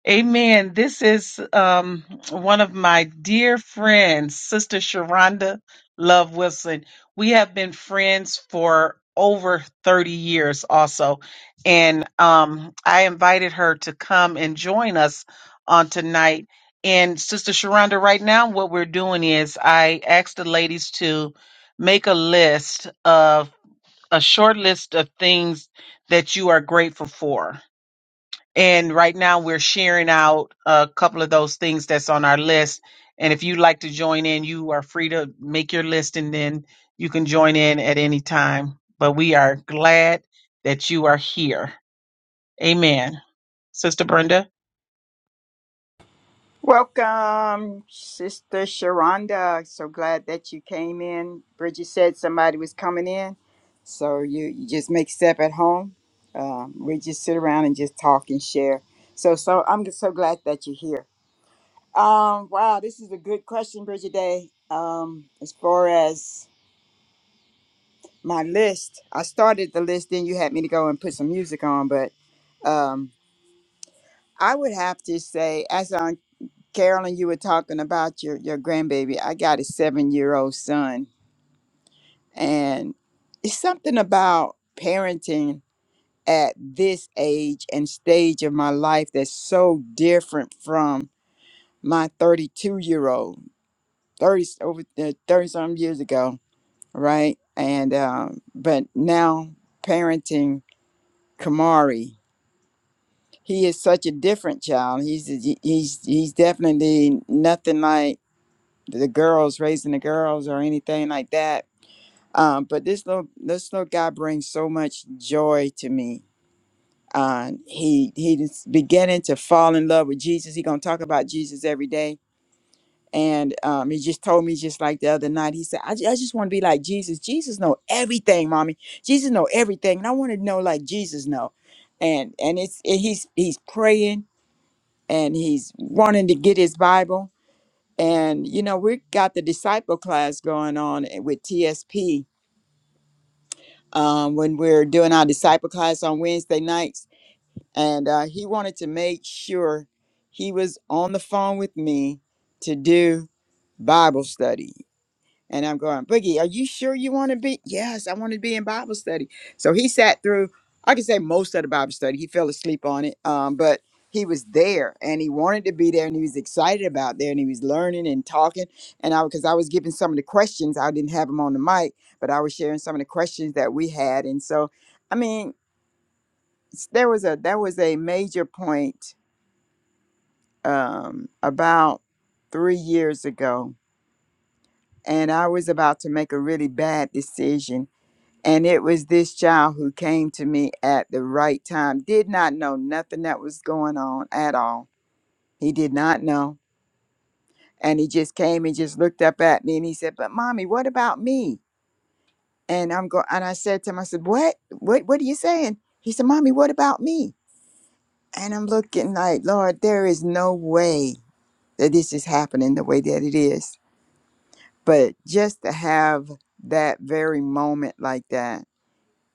Speaker 1: Amen. This is um, one of my dear friends, Sister Sharonda Love Wilson. We have been friends for over 30 years, also. And um, I invited her to come and join us on tonight. And Sister Sharonda, right now, what we're doing is I asked the ladies to make a list of a short list of things that you are grateful for and right now we're sharing out a couple of those things that's on our list. And if you'd like to join in, you are free to make your list and then you can join in at any time. But we are glad that you are here. Amen. Sister Brenda.
Speaker 2: Welcome, Sister Sharonda. So glad that you came in. Bridget said somebody was coming in, so you, you just make step at home. Um, we just sit around and just talk and share. So, so I'm just so glad that you're here. Um, wow, this is a good question, Bridget Day. Um, as far as my list, I started the list, then you had me to go and put some music on, but um, I would have to say, as Carolyn, you were talking about your your grandbaby. I got a seven year old son, and it's something about parenting at this age and stage of my life that's so different from my 32 year old 30 over 30 some years ago right and um, but now parenting kamari he is such a different child he's he's he's definitely nothing like the girls raising the girls or anything like that. Um, but this little this little guy brings so much joy to me. Uh, he he is beginning to fall in love with Jesus. He gonna talk about Jesus every day. And um, he just told me just like the other night. He said, "I, ju- I just want to be like Jesus. Jesus know everything, mommy. Jesus know everything, and I want to know like Jesus know." And and it's it, he's he's praying and he's wanting to get his Bible and, you know, we got the disciple class going on eh, with TSP um, when we're doing our disciple class on Wednesday nights. And uh, he wanted to make sure he was on the phone with me to do Bible study. And I'm going, Boogie, are you sure you want to be? Yes, I want to be in Bible study. So he sat through, I could say most of the Bible study. He fell asleep on it. Um, but he was there and he wanted to be there and he was excited about there and he was learning and talking. And I because I was giving some of the questions, I didn't have him on the mic, but I was sharing some of the questions that we had. And so I mean, s- there was a there was a major point um about three years ago, and I was about to make a really bad decision And it was this child who came to me at the right time, did not know nothing that was going on at all. He did not know. And he just came and just looked up at me and he said, But mommy, what about me? And I'm going and I said to him, I said, What? What what are you saying? He said, Mommy, what about me? And I'm looking like, Lord, there is no way that this is happening the way that it is. But just to have that very moment like that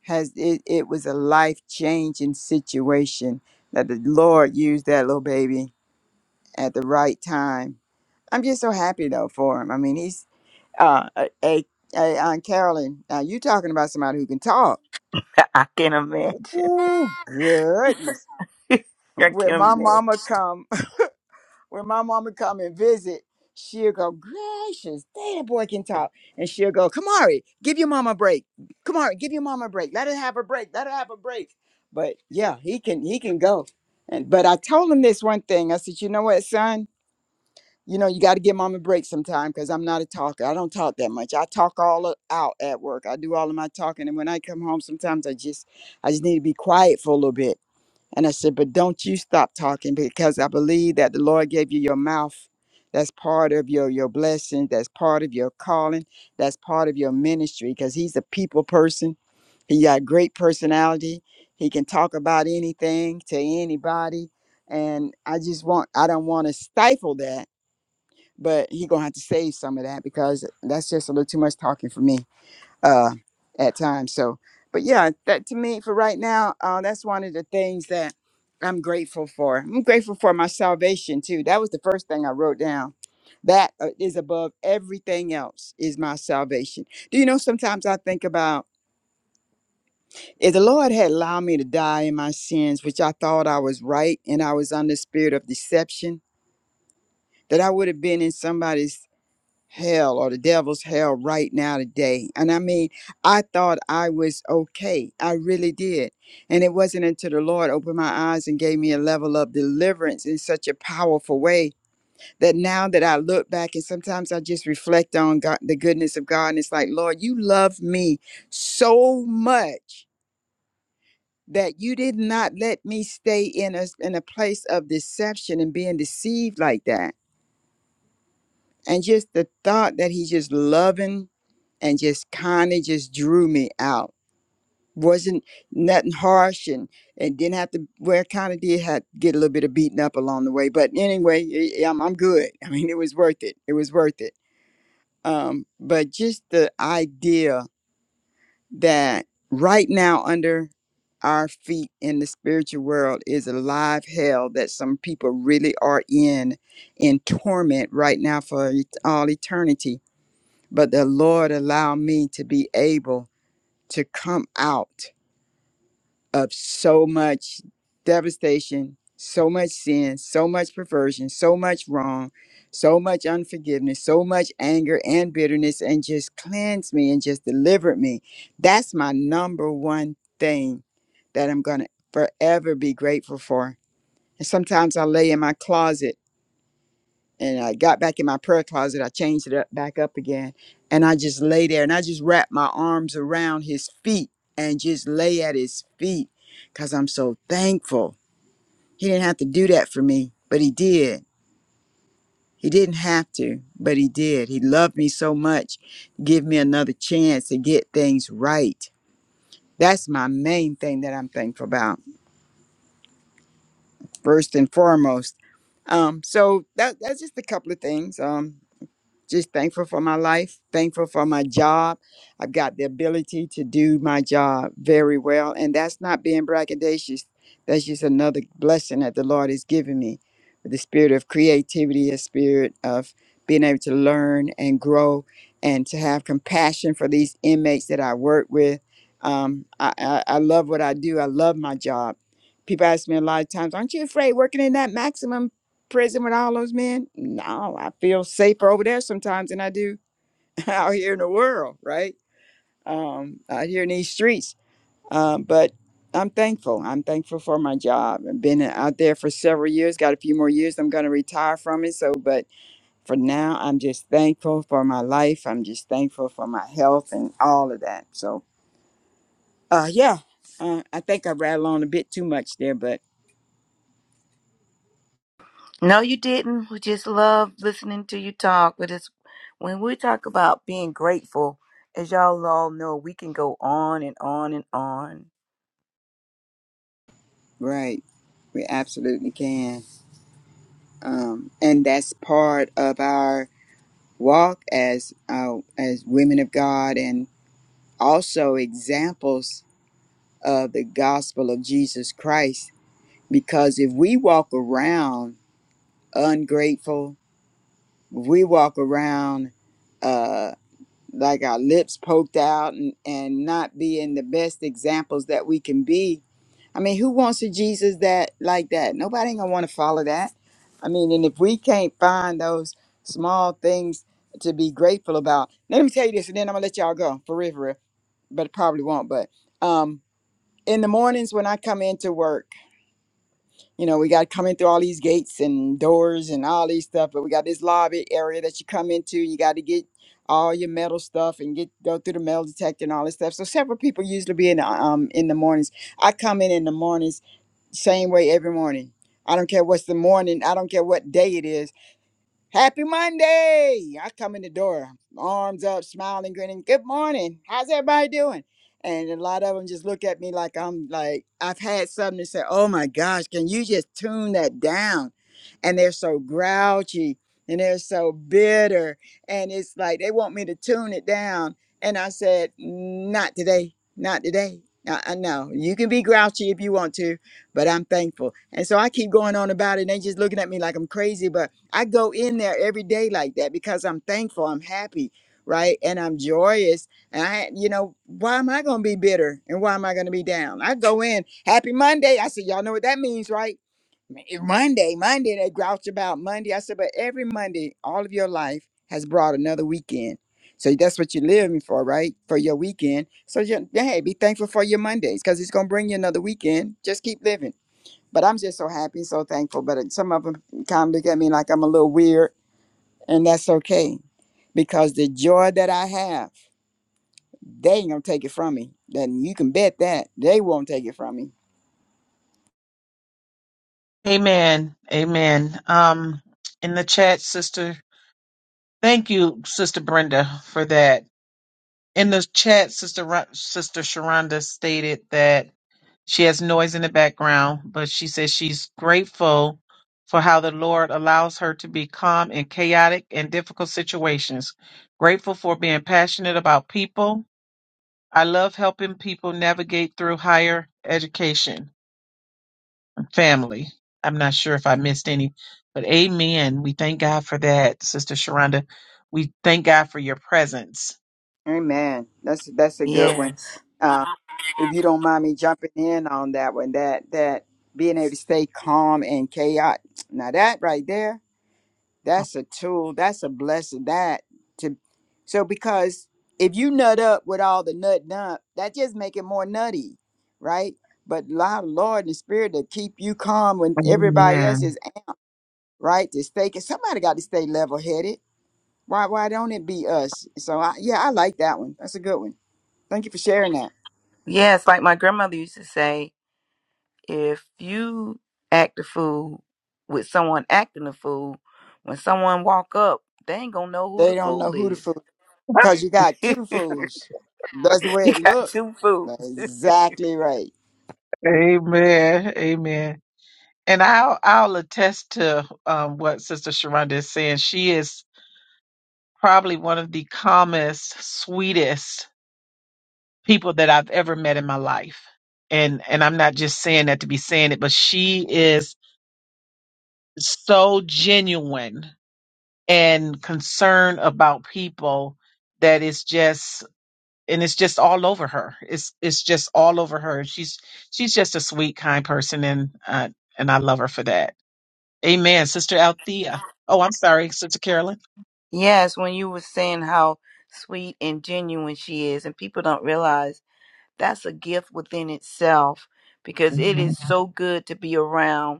Speaker 2: has it, it was a life changing situation that the Lord used that little baby at the right time. I'm just so happy though for him. I mean, he's uh a, a, a Aunt Carolyn. Now you talking about somebody who can talk?
Speaker 5: I can imagine.
Speaker 2: Ooh, goodness!
Speaker 5: I
Speaker 2: When
Speaker 5: can
Speaker 2: my
Speaker 5: imagine.
Speaker 2: mama come, When my mama come and visit, she'll go, gracious, dang, that boy can talk. And she'll go, Kamari, give your mama a break. Kamari, give your mama a break. Let her have a break. Let her have a break. But yeah, he can he can go. And but I told him this one thing. I said, you know what, son? You know, you got to give mom a break sometime because I'm not a talker. I don't talk that much. I talk all o- out at work. I do all of my talking. And when I come home, sometimes I just I just need to be quiet for a little bit and I said, But don't you stop talking because I believe that the Lord gave you your mouth. That's part of your your blessing. That's part of your calling. That's part of your ministry because he's a people person. He got great personality. He can talk about anything to anybody. And I just want I don't want to stifle that, but he gonna have to save some of that because that's just a little too much talking for me uh, at times. So, but yeah, that to me for right now, uh, that's one of the things that I'm grateful for. I'm grateful for my salvation too. That was the first thing I wrote down. That uh, is above everything else is my salvation. Do you know? Sometimes I think about if the Lord had allowed me to die in my sins, which I thought I was right, and I was under spirit of deception, that I would have been in somebody's hell or the devil's hell right now today. And I mean, I thought I was okay. I really did. And it wasn't until the Lord opened my eyes and gave me a level of deliverance in such a powerful way that now that I look back and sometimes I just reflect on God, the goodness of God. And it's like, Lord, you love me so much. That you did not let me stay in a in a place of deception and being deceived like that, and just the thought that He's just loving and just kind of just drew me out. Wasn't nothing harsh and, and didn't have to, well, kind of did have, get a little bit of beaten up along the way. But anyway, i- I'm, I'm good. I mean, it was worth it. It was worth it. Um, but just the idea that right now under our feet in the spiritual world is a live hell that some people really are in, in torment right now for et- all eternity. But the Lord allowed me to be able to come out of so much devastation, so much sin, so much perversion, so much wrong, so much unforgiveness, so much anger and bitterness, and just cleanse me and just deliver me. That's my number one thing that I'm going to forever be grateful for. And sometimes I lay in my closet and I got back in my prayer closet. I changed it up, back up again, and I just lay there and I just wrapped my arms around his feet and just lay at his feet because I'm so thankful. He didn't have to do that for me, but he did. He didn't have to, but he did. He loved me so much, give me another chance to get things right. That's my main thing that I'm thankful about, first and foremost. Um, so that, that's just a couple of things. Um, just thankful for my life, thankful for my job. I've got the ability to do my job very well. And that's not being braggadocious. That's just another blessing that the Lord has given me. The spirit of creativity, a spirit of being able to learn and grow and to have compassion for these inmates that I work with. Um, I, I, I love what I do. I love my job. People ask me a lot of times, aren't you afraid working in that maximum prison with all those men? No, I feel safer over there sometimes than I do out here in the world, right? Um, out here in these streets. Um, but I'm thankful. I'm thankful for my job. I've been out there for several years, got a few more years. I'm going to retire from it. So, but for now, I'm just thankful for my life. I'm just thankful for my health and all of that. So, uh, yeah, uh, I think I rattled on a bit too much there, but
Speaker 5: No, you didn't. We just love listening to you talk. But it's when we talk about being grateful, as y'all all know, we can go on and on and on.
Speaker 2: right, we absolutely can. um, and that's part of our walk as uh, as women of God, and also examples of the gospel of Jesus Christ. Because if we walk around ungrateful, if we walk around uh, like our lips poked out and, and not being the best examples that we can be, I mean, who wants a Jesus that like that? Nobody ain't gonna want to follow that. I mean, and if we can't find those small things to be grateful about, let me tell you this, and then I'm gonna let y'all go for real, for real, but it probably won't. But um, in the mornings when I come into work, you know, we got coming through all these gates and doors and all these stuff, but we got this lobby area that you come into. You got to get all your metal stuff and get go through the metal detector and all this stuff. So several people usually be in the, um in the mornings. I come in in the mornings same way every morning. I don't care what's the morning. I don't care what day it is. Happy Monday! I come in the door, arms up, smiling, grinning. Good morning. How's everybody doing? And a lot of them just look at me like I'm like, I've had something to say, oh my gosh, can you just tune that down? And they're so grouchy and they're so bitter. And it's like they want me to tune it down. And I said, not today, not today. I, I know you can be grouchy if you want to, but I'm thankful. And so I keep going on about it. And they just looking at me like I'm crazy, but I go in there every day like that because I'm thankful, I'm happy, right? And I'm joyous. And I, you know, why am I going to be bitter and why am I going to be down? I go in, happy Monday. I said, y'all know what that means, right? M- eh, Monday, Monday, they grouch about Monday. I said, but every Monday, all of your life has brought another weekend. So that's what you're living for, right? For your weekend. So, you hey, be thankful for your Mondays because it's going to bring you another weekend. Just keep living. But I'm just so happy, so thankful. But some of them kind of look at me like I'm a little weird, and that's okay, because the joy that I have, they ain't gonna take it from me. Then you can bet that they won't take it from me.
Speaker 1: Amen. Amen. Um in the chat, sister. Thank you, Sister Brenda, for that. In the chat, Sister Ra- Sister Sharonda stated that She has noise in the background, but she says she's grateful for how the Lord allows her to be calm in chaotic and difficult situations. Grateful for being passionate about people. I love helping people navigate through higher education. and Family. I'm not sure if I missed any, but amen. We thank God for that, Sister Sharonda. We thank God for your presence.
Speaker 2: Amen. That's that's a good one.
Speaker 5: Yes.
Speaker 2: Uh, if you don't mind me jumping in on that one, that that being able to stay calm and chaos. Now that right there That's a tool. That's a blessing. That to so because if you nut up with all the nut dump, that just make it more nutty, right? But allow the Lord and the Spirit to keep you calm when everybody else
Speaker 1: Amen.
Speaker 2: is am- right to stay. 'cause somebody got to stay level headed. Why? Why don't it be us? So I, yeah, I like that one. That's a good one. Thank you for sharing that.
Speaker 5: Yes, like my grandmother used to say, if you act a fool with someone acting a fool, when someone walk up, they ain't gonna know who
Speaker 2: They
Speaker 5: the
Speaker 2: don't know
Speaker 5: fool
Speaker 2: who to
Speaker 5: is.
Speaker 2: fool because you got two fools. That's the way
Speaker 5: you
Speaker 2: it
Speaker 5: got
Speaker 2: look.
Speaker 5: two fools.
Speaker 2: That's exactly right.
Speaker 1: Amen. Amen. And I'll I'll attest to um, what Sister Sharonda is saying. She is probably one of the calmest, sweetest people that I've ever met in my life. And and I'm not just saying that to be saying it, but she is so genuine and concerned about people that it's just and it's just all over her. It's it's just all over her. She's she's just a sweet, kind person, and uh, and I love her for that. Amen, Sister Althea. Oh, I'm sorry, Sister Carolyn.
Speaker 5: Yes, when you were saying how sweet and genuine she is, and people don't realize that's a gift within itself because it
Speaker 1: Amen.
Speaker 5: is so good to be around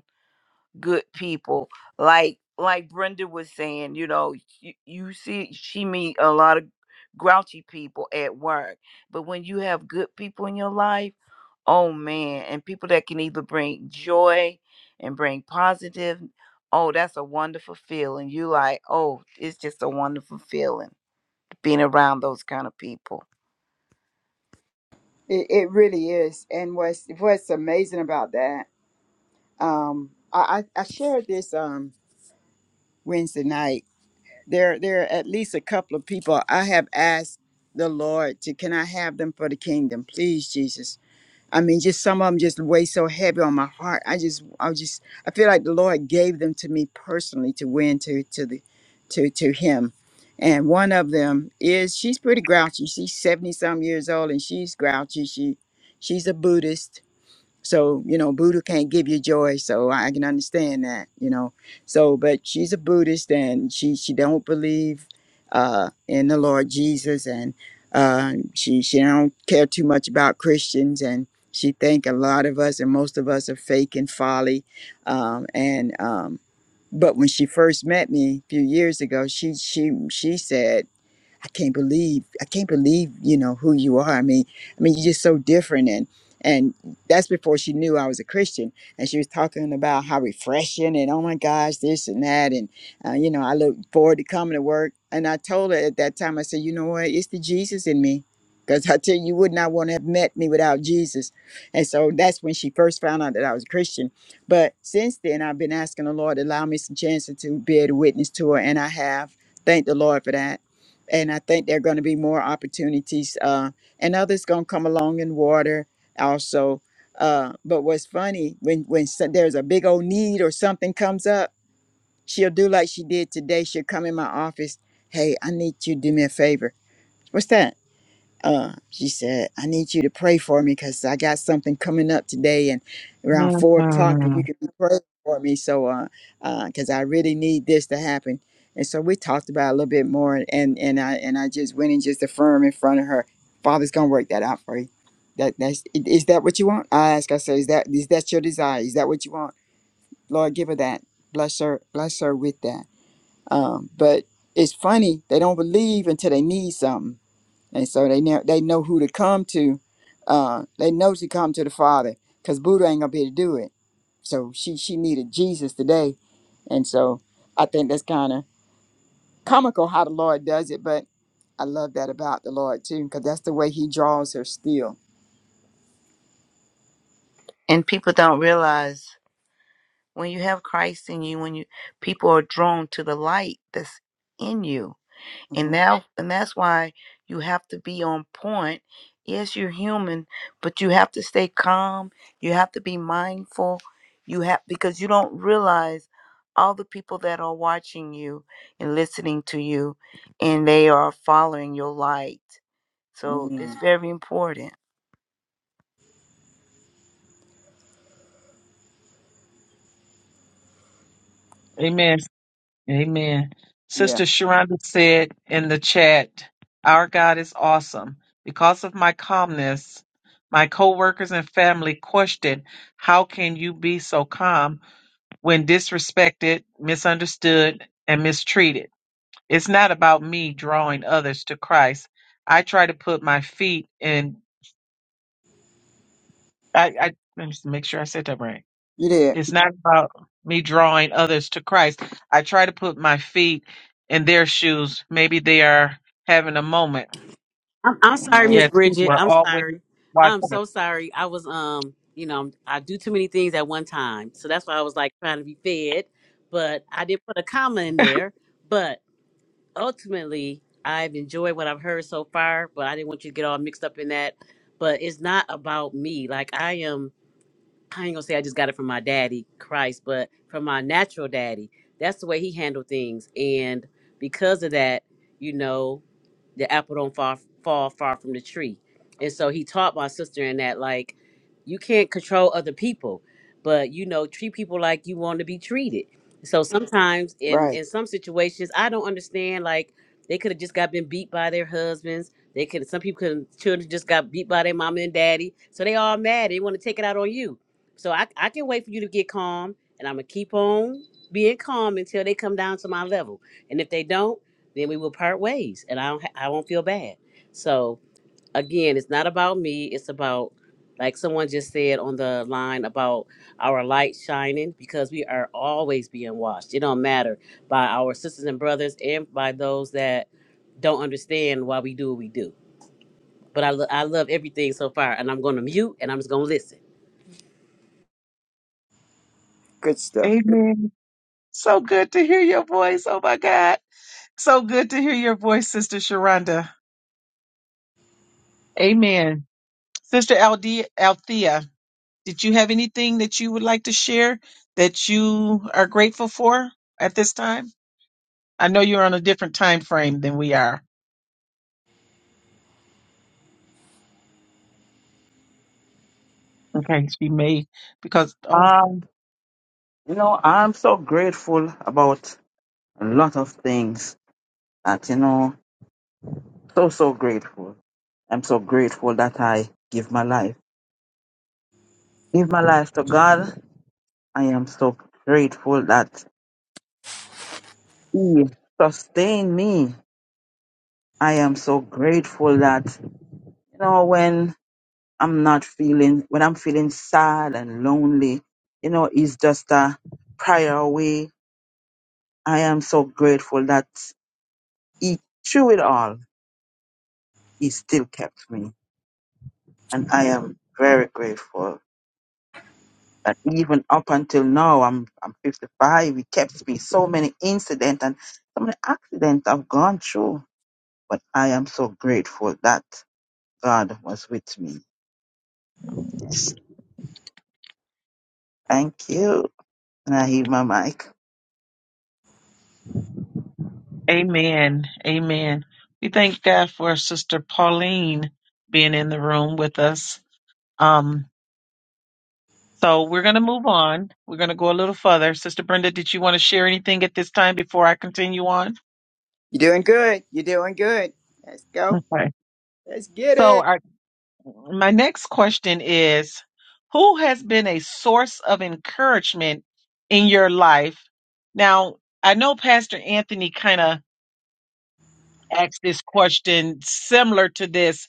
Speaker 5: good people like like brenda was saying you know you, you see she meet a lot of grouchy people at work but when you have good people in your life oh man and people that can either bring joy and bring positive oh that's a wonderful feeling you like oh it's just a wonderful feeling being around those kind of people
Speaker 2: It, it really is. And what's what's amazing about that, um, I, I I shared this um Wednesday night. There there are at least a couple of people I have asked the Lord to can I have them for the kingdom, please, Jesus. I mean, just some of them just weigh so heavy on my heart. I just, I just, I feel like the Lord gave them to me personally to win to to the to to Him. And one of them is she's pretty grouchy. She's seventy some years old, and she's grouchy. She she's a Buddhist, so, you know, Buddha can't give you joy, so I can understand that, you know. So, but she's a Buddhist and she she don't believe uh in the Lord Jesus and uh she she don't care too much about Christians and she think a lot of us and most of us are fake and folly. Um and um but when she first met me a few years ago, she she she said I can't believe I can't believe you know who you are. I mean, I mean you're just so different and and that's before she knew I was a Christian and she was talking about how refreshing and oh my gosh this and that and uh, you know I look forward to coming to work and I told her at that time I said you know what it's the Jesus in me because I tell you you would not want to have met me without Jesus and so that's when she first found out that I was a Christian but since then I've been asking the Lord to allow me some chances to be a witness to her and I have thank the Lord for that and I think there are going to be more opportunities, uh, and others going to come along in water also. Uh, but what's funny when when so- there's a big old need or something comes up, she'll do like she did today. She'll come in my office. Hey, I need you to do me a favor. What's that? uh, she said, I need you to pray for me because I got something coming up today and around four o'clock, if you
Speaker 1: Mm.
Speaker 2: could be praying for me. So, uh, uh, cause I really need this to happen. And so we talked about it a little bit more and, and I, and I just went and just affirmed in front of her, father's going to work that out for you. That that's, i- is that what you want? I asked, I said, is that, is that your desire? Is that what you want? Lord, give her that. Bless her, bless her with that. Um, but it's funny. They don't believe until they need something and so they know they know who to come to. Uh, they know to come to the Father because Buddha ain't gonna be able to do it. So she she needed Jesus today, and so I think that's kind of comical how the Lord does it. But I love that about the Lord too because that's the way He draws her still.
Speaker 5: and people don't realize when you have christ in you when you people are drawn to the light that's in you and
Speaker 2: hmm
Speaker 5: now, and that's why you have to be on point yes you're human but you have to stay calm you have to be mindful you have because you don't realize all the people that are watching you and listening to you and they are following your light so it's
Speaker 2: mm
Speaker 5: very important
Speaker 1: Amen. Amen.
Speaker 2: Yeah,
Speaker 1: Sister Sharonda said in the chat, Our God is awesome. Because of my calmness, my coworkers and family questioned, How can you be so calm when disrespected, misunderstood, and mistreated? It's not about me drawing others to Christ. I try to put my feet in. I, I let me just make sure I said that right.
Speaker 2: you did,
Speaker 1: It's not about me drawing others to Christ. I try to put my feet in their shoes. Maybe they are having a moment.
Speaker 6: I'm, I'm sorry, Miss
Speaker 1: Yes,
Speaker 2: man.
Speaker 1: people
Speaker 6: Bridget.
Speaker 1: are
Speaker 6: I'm
Speaker 1: always
Speaker 6: sorry. I'm
Speaker 1: watching
Speaker 6: so sorry. I was um, you know, i I do too many things at one time, so that's why I was like trying to be fed, but I did put a comma in
Speaker 1: us.
Speaker 6: there. But ultimately, I've enjoyed what I've heard so far. But I didn't want you to get all mixed up in that. But it's not about me. Like I am. I ain't gonna say I just got it from my daddy, Christ, but from my natural daddy. That's the way he handled things, and because of that, you know, the apple don't fall fall far from the tree. And so he taught my sister in that, like, you can't control other people, but you know, treat people like you want to be treated. So Mhm. sometimes, in
Speaker 2: Right,
Speaker 6: in some situations, I don't understand. Like, they could have just got been beat by their husbands. They could. Some people could. Children just got beat by their mama and daddy. So they all mad. They want to take it out on you so I, I can wait for you to get calm, and I'm gonna keep on being calm until they come down to my level. And if they don't, then we will part ways, and I don't ha- I won't feel bad. So again, it's not about me. It's about like someone just said on the line about our light shining because we are always being watched. It don't matter by our sisters and brothers and by those that don't understand why we do what we do. But I, lo- I love everything so far, and I'm gonna mute and I'm just gonna listen.
Speaker 2: good stuff.
Speaker 1: Amen. So good to hear your voice. Oh my God. So good to hear your voice, Sister Sharonda. Amen. Sister Alde- Althea, did you have anything that you would like to share that you are grateful for at this time? I know you're on a different time frame than we are. Okay, she may because oh
Speaker 3: um you know i'm so grateful about a lot of things that you know so so grateful i'm so grateful that i give my life give my life to god i am so grateful that he sustained me I am so grateful that, you know, when I'm not feeling, when I'm feeling sad and lonely, you know, it's just a prayer away. I am so grateful that he, through it all, he still kept me. And I am very grateful that even up until now, I'm, I'm 55, he kept me. So many incidents and so many accidents I've gone through. But I am so grateful that God was with me. Yes. Thank you. And I heave my mic.
Speaker 1: Amen. Amen. We thank God for Sister Pauline being in the room with us. Um, so we're going to move on. We're going to go a little further. Sister Brenda, did you want to share anything at this time before I continue on?
Speaker 2: You're doing good. You're doing good. Let's go.
Speaker 1: Okay.
Speaker 2: Let's get it.
Speaker 1: So our, my next question is Who has been a source of encouragement in your life? Now, I know Pastor Anthony kind of asked this question similar to this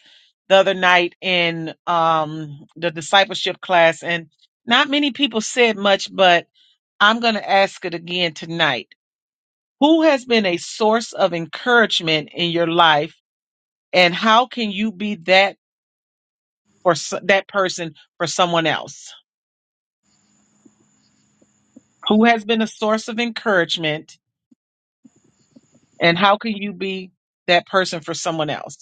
Speaker 1: the other night in um, the discipleship class, and not many people said much, but I'm going to ask it again tonight. Who has been a source of encouragement in your life, and how can you be that for s that person for someone else? Who has been a source of encouragement, and how can you be that person for someone else?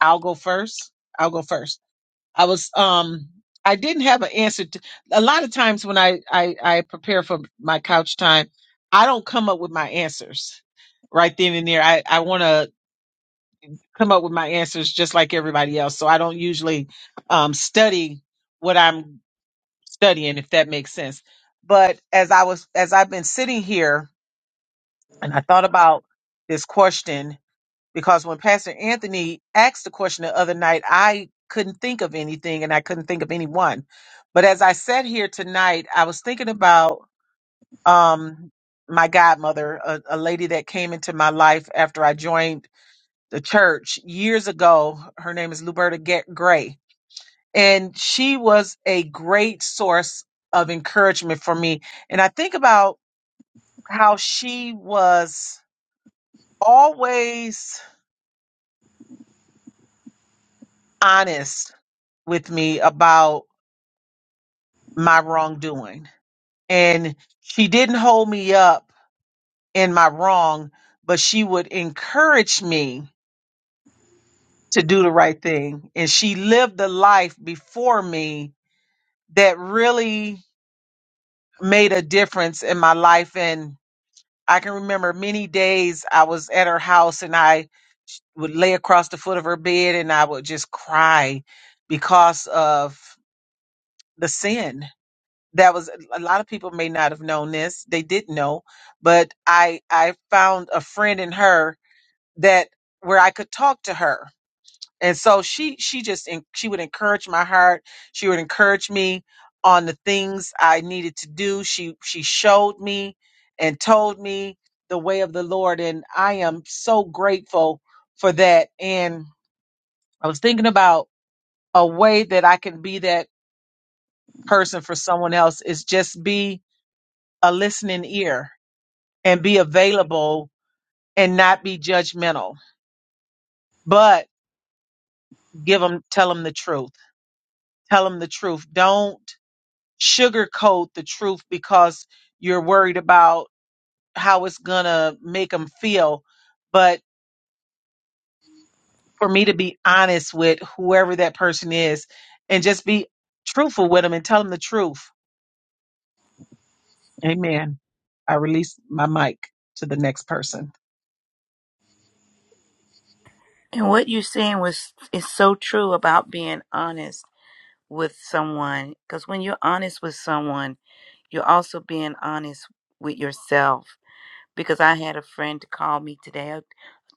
Speaker 1: I'll go first. I'll go first. I was um I didn't have an answer to a lot of times when I I, I prepare for my couch time, I don't come up with my answers right then and there. I, I wanna come up with my answers just like everybody else. So I don't usually um study what I'm studying, if that makes sense. But as I was as I've been sitting here and I thought about this question because when Pastor Anthony asked the question the other night, I couldn't think of anything and I couldn't think of anyone. But as I sat here tonight, I was thinking about um, my godmother, a, a lady that came into my life after I joined the church years ago. Her name is Luberta Get Gray, and she was a great source of encouragement for me. And I think about how she was always honest with me about my wrongdoing. And she didn't hold me up in my wrong, but she would encourage me to do the right thing. And she lived the life before me that really made a difference in my life. And I can remember many days I was at her house and I would lay across the foot of her bed and I would just cry because of the sin that was a lot of people may not have known this they did know but i i found a friend in her that where i could talk to her and so she she just en- she would encourage my heart she would encourage me on the things i needed to do she she showed me and told me the way of the lord and i am so grateful for that and i was thinking about a way that i can be that person for someone else is just be a listening ear and be available and not be judgmental, but give them, tell them the truth. Tell them the truth. Don't sugarcoat the truth because you're worried about how it's going to make them feel. But for me to be honest with whoever that person is and just be truthful with them and tell them the truth. Amen. I release my mic to the next person.
Speaker 5: And what you're saying was is so true about being honest with someone because when you're honest with someone, you're also being honest with yourself because I had a friend to call me today, a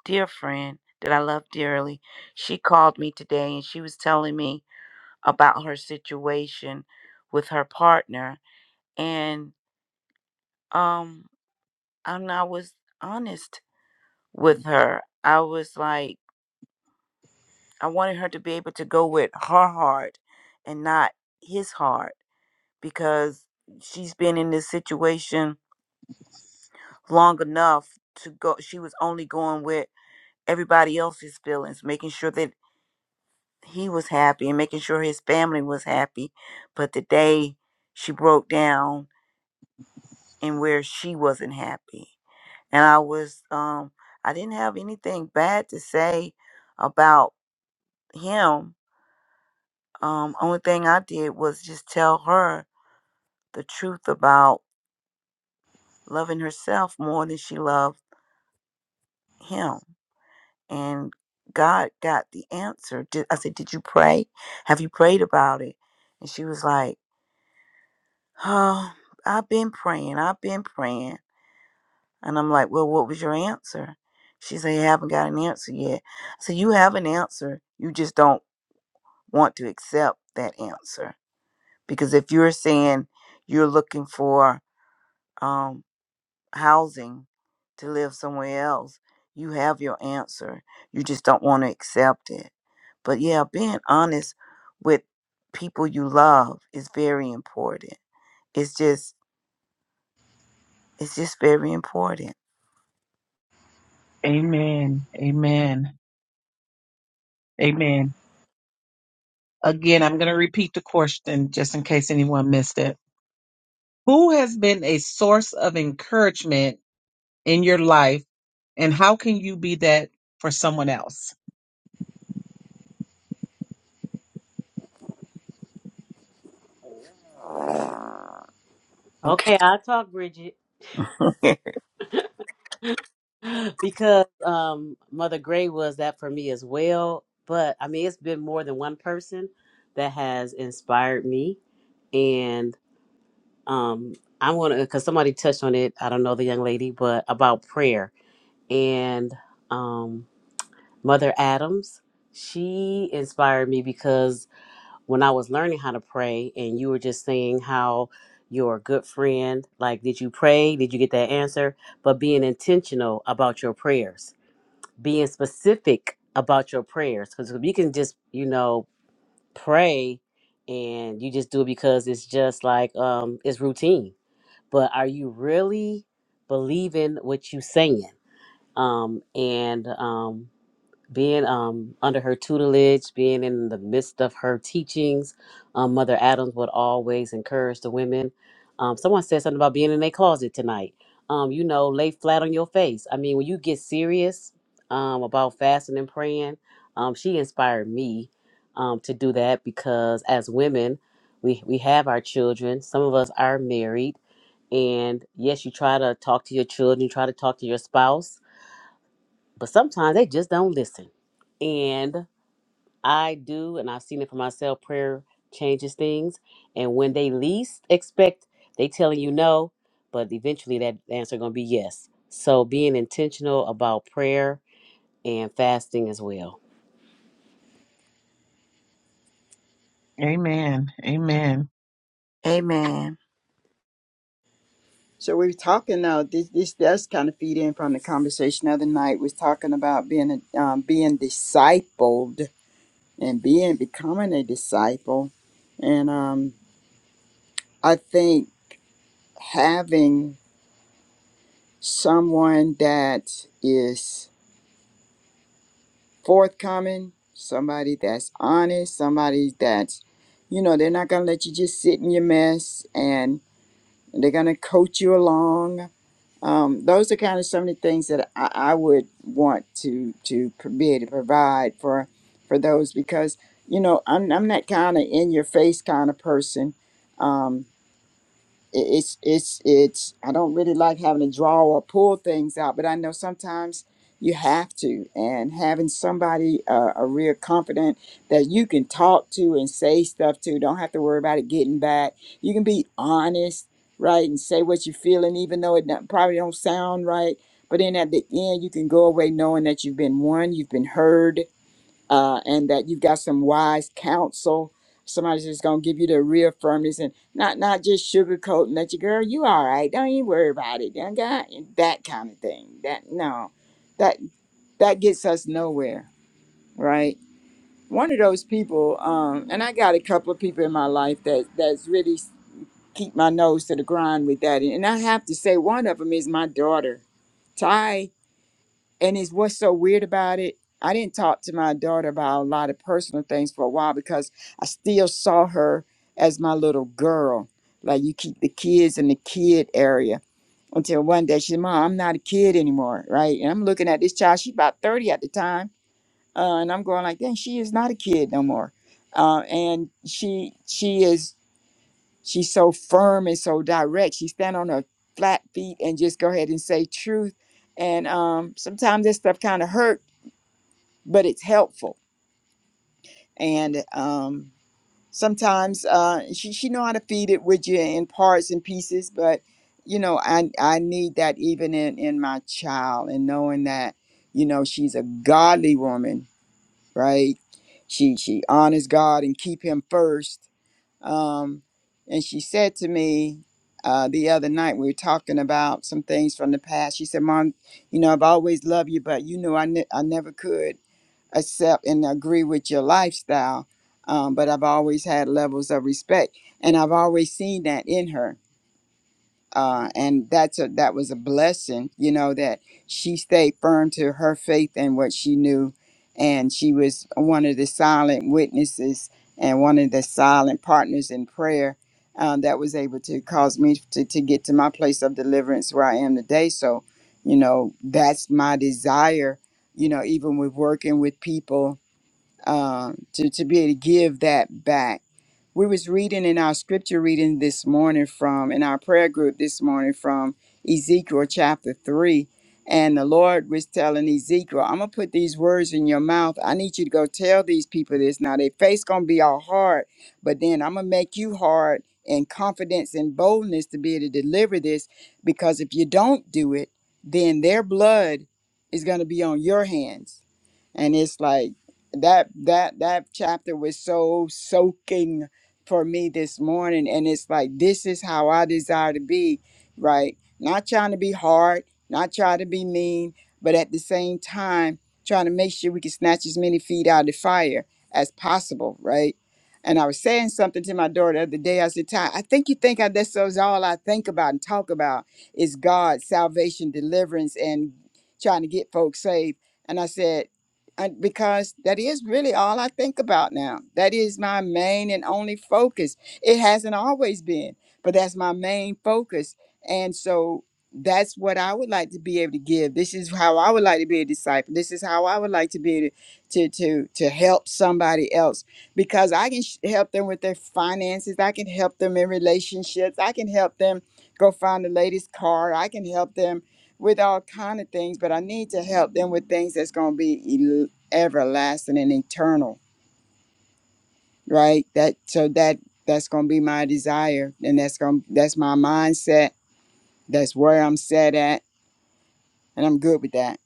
Speaker 5: dear friend that I love dearly. She called me today and she was telling me about her situation with her partner and um and I was honest with her. I was like I wanted her to be able to go with her heart and not his heart because she's been in this situation long enough to go. She was only going with everybody else's feelings, making sure that he was happy and making sure his family was happy. But the day she broke down and where she wasn't happy. And I was, um, I didn't have anything bad to say about him. Um, only thing I did was just tell her the truth about loving herself more than she loved him. And God got the answer. Did, I said, Did you pray? Have you prayed about it? And she was like, Oh, I've been praying. I've been praying. And I'm like, Well, what was your answer? She said, I haven't got an answer yet. I said, You have an answer. You just don't want to accept that answer. Because if you're saying you're looking for, um, housing to live somewhere else, you have your answer. You just don't want to accept it. But yeah, being honest with people you love is very important. It's just it's just very important.
Speaker 1: Amen. Amen. Amen. Again, I'm going to repeat the question just in case anyone missed it. Who has been a source of encouragement in your life, and how can you be that for someone else?
Speaker 6: Okay,
Speaker 5: Okay.
Speaker 6: I talk, Bridget. because um Mother Gray was that for me as well. But I mean it's been more than one person that has inspired me. And um I wanna because somebody touched on it, I don't know the young lady, but about prayer. And um Mother Adams, she inspired me because when I was learning how to pray and you were just saying how you're a good friend, like did you pray? Did you get that answer? But being intentional about your prayers being specific about your prayers because you can just you know pray and you just do it because it's just like um it's routine but are you really believing what you saying um and um being um, under her tutelage, being in the midst of her teachings. Um, Mother Adams would always encourage the women. Um, someone said something about being in a closet tonight. Um, you know, lay flat on your face. I mean, when you get serious um, about fasting and praying, um, she inspired me um, to do that because as women, we, we have our children. Some of us are married. And yes, you try to talk to your children, you try to talk to your spouse but sometimes they just don't listen. And I do, and I've seen it for myself, prayer changes things. And when they least expect, they telling you no, but eventually that answer gonna be yes. So being intentional about prayer and fasting as well.
Speaker 1: Amen. Amen.
Speaker 5: Amen.
Speaker 2: So we we're talking now. This this does kind of feed in from the conversation the other night. We're talking about being a, um, being discipled and being becoming a disciple, and um, I think having someone that is forthcoming, somebody that's honest, somebody that's you know they're not gonna let you just sit in your mess, and they're gonna coach you along Um, those are kind of some of the things that I, I would want to to pro- be able to provide for for those because you know I'm I'm that kind of in your face kind of person. Um, it- it's it's it's I don't really like having to draw or pull things out, but I know sometimes you have to, and having somebody uh, a real confidant that you can talk to and say stuff to, don't have to worry about it getting back. You can be honest, right, and say what you're feeling, even though it don't, probably don't sound right. But then at the end, you can go away knowing that you've been won, you've been heard, uh, and that you've got some wise counsel. Somebody's just gonna give you the reaffirmance and not not just sugarcoating that you girl, you all right. Don't you worry about it. Done got it," that kind of thing. That no, that that gets us nowhere, right? One of those people, um, and I got a couple of people in my life that that's really s- keep my nose to the grind with that. And I have to say, one of them is my daughter. And it's what's so weird about it. I didn't talk to my daughter about a lot of personal things for a while because I still saw her as my little girl. Like you keep the kids in the kid area until one day she said, Mom, I'm not a kid anymore, right? And I'm looking at this child, she about 30 at the time. Uh, and I'm going like, dang, she is not a kid no more. Uh, and she she is She's so firm and so direct. She stand on her flat feet and just go ahead and say truth. And um, sometimes this stuff kind of hurt, but it's helpful. And um, sometimes uh, she she know how to feed it with you in parts and pieces. But you know, I I need that even in in my child and knowing that you know she's a godly woman, right? She she honors God and keep Him first um, and she said to me uh, the other night, we were talking about some things from the past. She said, Mom, you know, I've always loved you, but you know, I, ne- I never could accept and agree with your lifestyle. Um, but I've always had levels of respect. And I've always seen that in her uh, and that's a that was a blessing you know that she stayed firm to her faith and what she knew and she was one of the silent witnesses and one of the silent partners in prayer uh, that was able to cause me to, to get to my place of deliverance where i am today so you know that's my desire you know even with working with people uh, to, to be able to give that back we was reading in our scripture reading this morning from in our prayer group this morning from Ezekiel chapter 3 and the Lord was telling Ezekiel I'm going to put these words in your mouth I need you to go tell these people this now their face going to be all hard but then I'm going to make you hard in confidence and boldness to be able to deliver this because if you don't do it then their blood is going to be on your hands and it's like that that that chapter was so soaking for me this morning. And it's like, this is how I desire to be, right? Not trying to be hard, not trying to be mean, but at the same time, trying to make sure we can snatch as many feet out of the fire as possible, right? And I was saying something to my daughter the other day. I said, Ty, I think you think I, this is all I think about and talk about is God, salvation, deliverance, and trying to get folks saved. And I said, I, because that is really all I think about now. That is my main and only focus. It hasn't always been, but that's my main focus. And so that's what I would like to be able to give. This is how I would like to be a disciple. This is how I would like to be to to to, to help somebody else because I can sh- help them with their finances. I can help them in relationships. I can help them go find the latest car. I can help them with all kind of things, but I need to help them with things that's going to be el- everlasting and eternal, right? That so that that's going to be my desire, and that's going to that's my mindset. That's where I'm set at, and I'm good with that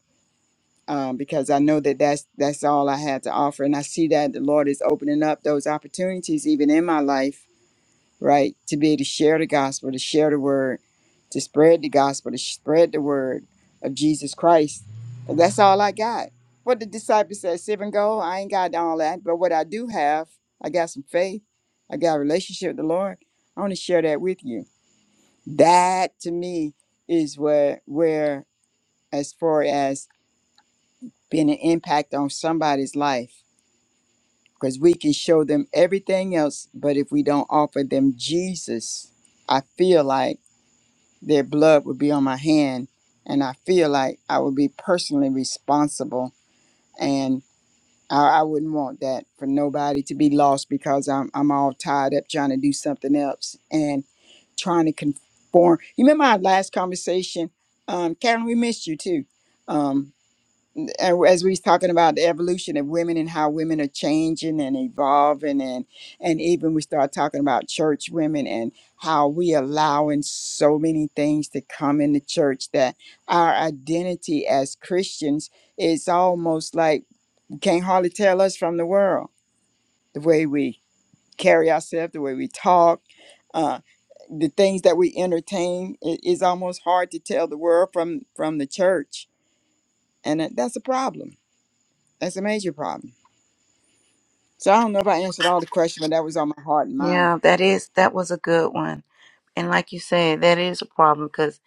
Speaker 2: um, because I know that that's that's all I had to offer, and I see that the Lord is opening up those opportunities even in my life right? To be able to share the gospel, to share the word, to spread the gospel, to spread the word of Jesus Christ. And that's all I got. What the disciples said, seven gold, I ain't got all that. But what I do have, I got some faith. I got a relationship with the Lord. I want to share that with you. That to me is where where as far as being an impact on somebody's life. Because we can show them everything else, but if we don't offer them Jesus, I feel like their blood would be on my hand and i feel like i would be personally responsible and i, I wouldn't want that for nobody to be lost because I'm, I'm all tied up trying to do something else and trying to conform you remember our last conversation um, karen we missed you too Um, and as we was talking about the evolution of women and how women are changing and evolving and and even we start talking about church women and how we allowing so many things to come in the church that our identity as christians is almost like you can't hardly tell us from the world the way we carry ourselves the way we talk uh, the things that we entertain it is almost hard to tell the world from from the church and that- that's a problem that's a major problem So I don't know if I answered all the questions, but that was on my heart and mind.
Speaker 5: Yeah, that is that was a good one. And like you said, that is a problem because.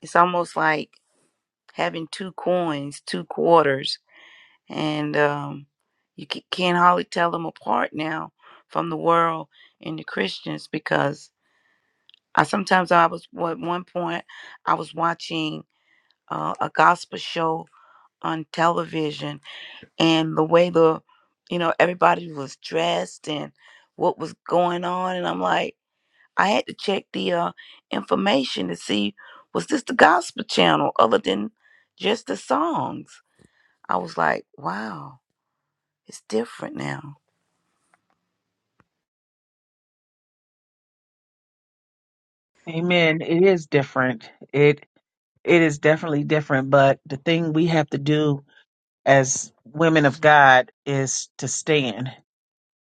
Speaker 5: It's almost like having two coins, two quarters, and um, you ca- can't hardly tell them apart now from the world and the Christians because I sometimes I was well, at one point I was watching uh, a gospel show on television and the way the you know everybody was dressed and what was going on and I'm like I had to check the uh, information to see was this the gospel channel other than just the songs. I was like, wow, it's different now.
Speaker 1: Amen. It is different. It it is definitely different, but the thing we have to do as women of God is to stand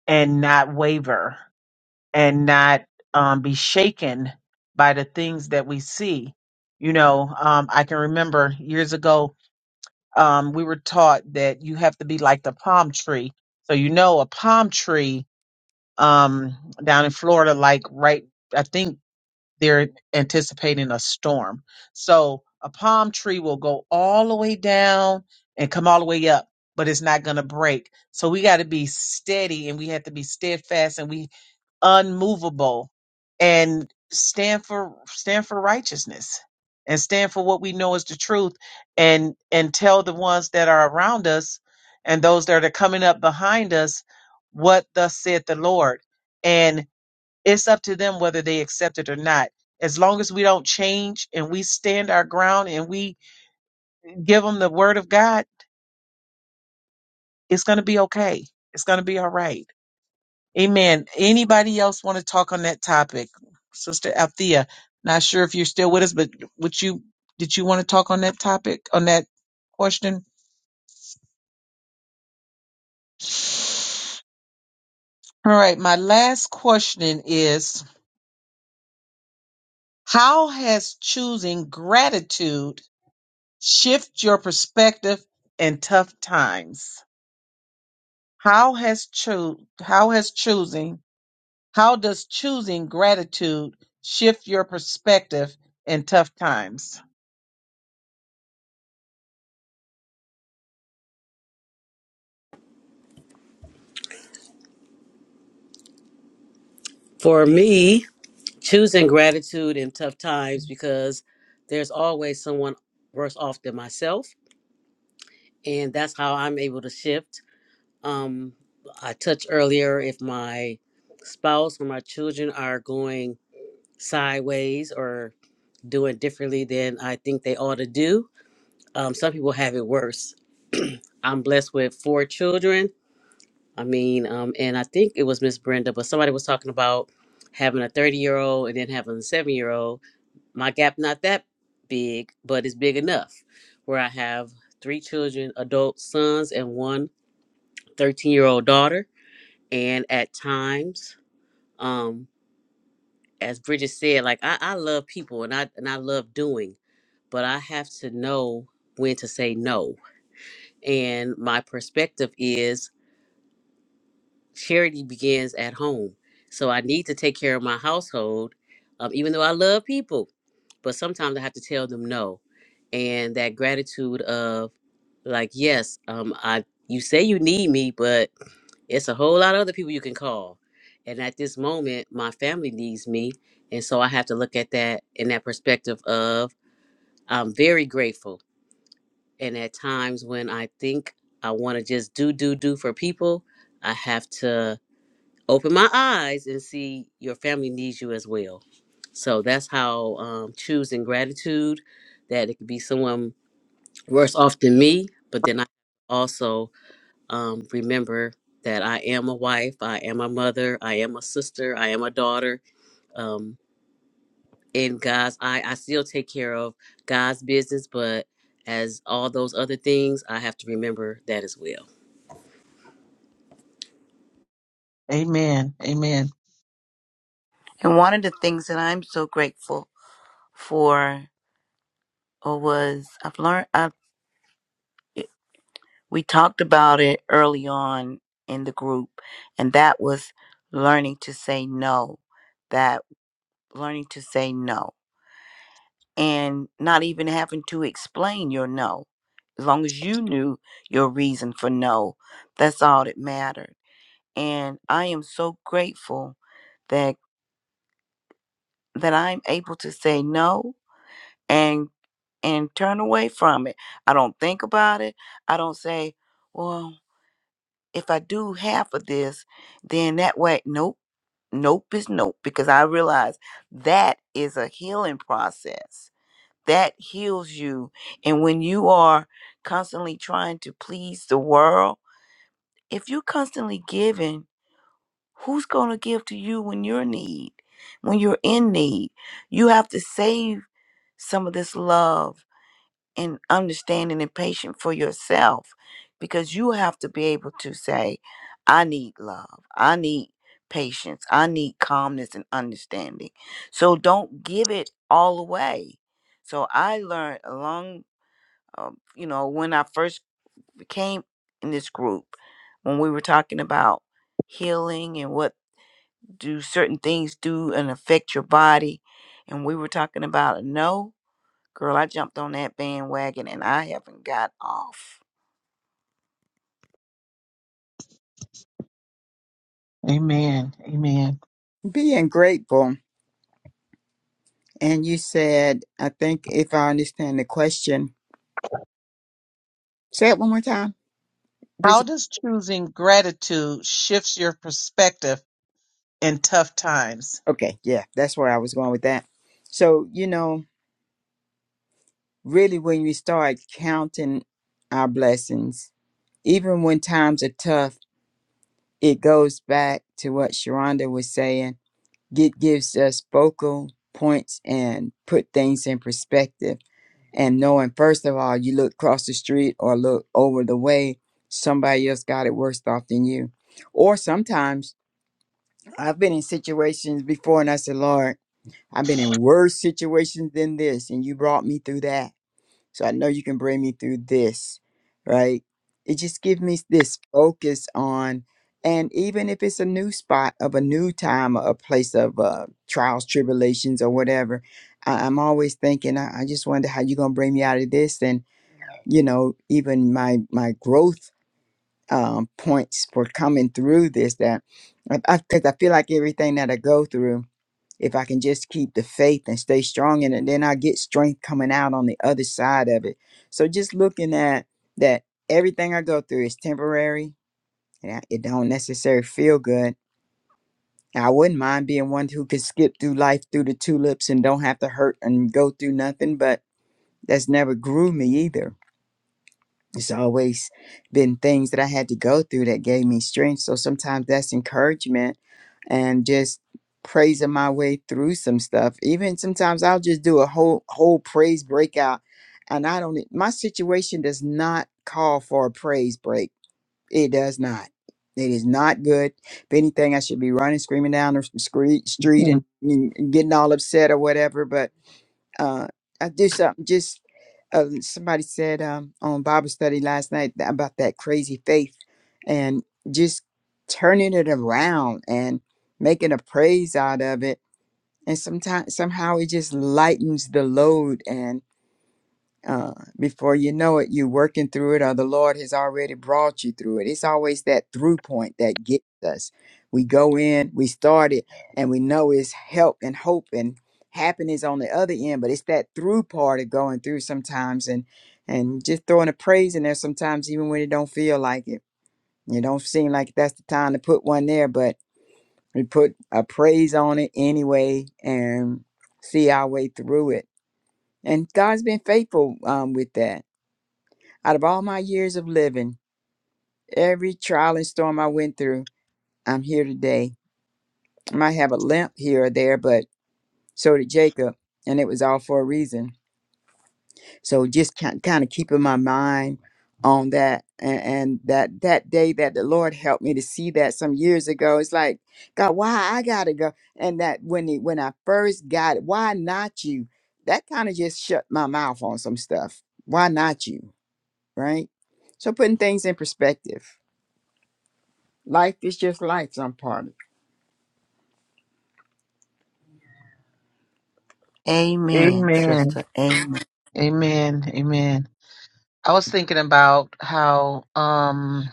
Speaker 1: and not waver and not um, be shaken by the things that we see. You know, um, I can remember years ago, um, we were taught that you have to be like the palm tree. So, you know, a palm tree um, down in Florida, like right, I think they're anticipating a storm. So, a palm tree will go all the way down and come all the way up, but it's not going to break. So, we got to be steady and we have to be steadfast and we unmovable and stand for stand for righteousness and stand for what we know is the truth and and tell the ones that are around us and those that are coming up behind us what thus said the lord and it's up to them whether they accept it or not as long as we don't change and we stand our ground and we give them the word of god it's going to be okay it's going to be all right Amen. Anybody else want to talk on that topic? Sister Althea, not sure if you're still with us, but would you did you want to talk on that topic, on that question? All right, my last question is how has choosing gratitude shift your perspective in tough times? How has cho- how has choosing how does choosing gratitude shift your perspective in tough times?
Speaker 6: For me, choosing gratitude in tough times because there's always someone worse off than myself. And that's how I'm able to shift Um, I touched earlier if my spouse or my children are going sideways or doing differently than I think they ought to do. Um, some people have it worse. I'm blessed with four children. I mean, um, and I think it was Miss Brenda, but somebody was talking about having a 30 year old and then having a seven year old. My gap not that big, but it's big enough. Where I have three children, adult sons, and one thirteen year old daughter and at times um as bridget said like I, I love people and i and i love doing but i have to know when to say no and my perspective is charity begins at home so i need to take care of my household um, even though i love people but sometimes i have to tell them no and that gratitude of like yes um i you say you need me but. It's a whole lot of other people you can call. And at this moment, my family needs me. And so I have to look at that in that perspective of I'm very grateful. And at times when I think I want to just do, do, do for people, I have to open my eyes and see your family needs you as well. So that's how um, choosing gratitude that it could be someone worse off than me, but then I also um, remember that I am a wife, I am a mother, I am a sister, I am a daughter. Um, in God's eye, I still take care of God's business, but as all those other things, I have to remember that as well.
Speaker 1: Amen. Amen.
Speaker 5: And one of the things that I'm so grateful for uh, was I've learned. I we talked about it early on in the group, and that was learning to say no. That learning to say no and not even having to explain your no. As long as you knew your reason for no, that's all that mattered. And I am so grateful that that I'm able to say no and and turn away from it. I don't think about it. I don't say, well, if I do half of this, then that way nope, nope is nope because I realize that is a healing process that heals you. And when you are constantly trying to please the world, if you're constantly giving, who's going to give to you when you're in need, when you're in need? You have to save some of this love and understanding and patience for yourself because you have to be able to say, I need love. I need patience. I need calmness and understanding. So don't give it all away. So I learned along um, you know, when I first came in this group, when we were talking about healing and what do certain things do and affect your body, and we were talking about a no, girl, I jumped on that bandwagon and I haven't got off.
Speaker 1: Amen. Amen.
Speaker 2: Being grateful. And you said, I think if I understand the question, say it one more time,
Speaker 1: How
Speaker 2: Bridget.
Speaker 1: does choosing gratitude shifts your perspective in tough times?
Speaker 2: Okay, yeah, that's where I was going with that. So, you know, really when we start counting our blessings, even when times are tough, it goes back to what Sharonda was saying. It gives us focal points and put things in perspective and knowing first of all you look across the street or look over the way somebody else got it worse off than you or sometimes i've been in situations before and i said lord i've been in worse situations than this and you brought me through that so i know you can bring me through this right it just gives me this focus on and even if it's a new spot of a new time or a place of uh, trials tribulations or whatever I, i'm always thinking I, I just wonder how you're going to bring me out of this and you know even my my growth um, points for coming through this that because I, I 'cause I feel like everything that i go through if i can just keep the faith and stay strong in it then i get strength coming out on the other side of it so just looking at that everything i go through is temporary and I- it don't necessarily feel good And i wouldn't mind being one who could skip through life through the tulips and don't have to hurt and go through nothing but that's never grew me either It's always been things that I had to go through that gave me strength. So sometimes that's encouragement and just praising my way through some stuff. Even sometimes I'll just do a whole whole praise breakout and I don't e, my situation does not call for a praise break. It does not. It is not good. If anything, I should be running, screaming down the street, street,
Speaker 1: Hmm.
Speaker 2: and and getting all upset or whatever. But uh, I do something just um, somebody said um, on Bible study last night tha- about that crazy faith and just turning it around and making a praise out of it. And sometimes somehow it just lightens the load uh, before you know it, you're working through it, or the Lord has already brought you through it. It's always that through point that gets us. We go in, we start it, and we know it's help and hope and happiness on the other end, but it's that through part of going through sometimes and and just throwing a praise in there sometimes, even when it don't feel like it. It don't seem like that's the time to put one there, but we put a praise on it anyway and see our way through it. And God's been faithful um, with that out of all my years of living, every trial and storm I went through, I'm here today. I might have a limp here or there, but so did Jacob, and it was all for a reason. So just kind of keeping my mind on that and, and that that day that the Lord helped me to see that some years ago. It's like, God, why I gotta go? And that when he, when I first got it, why not you? That kind of just shut my mouth on some stuff. Why not you? Right? So putting things in perspective. Life is just life, some part of
Speaker 5: Amen,
Speaker 1: Amen.
Speaker 5: sister. Amen.
Speaker 1: Amen. Amen. I was thinking about how um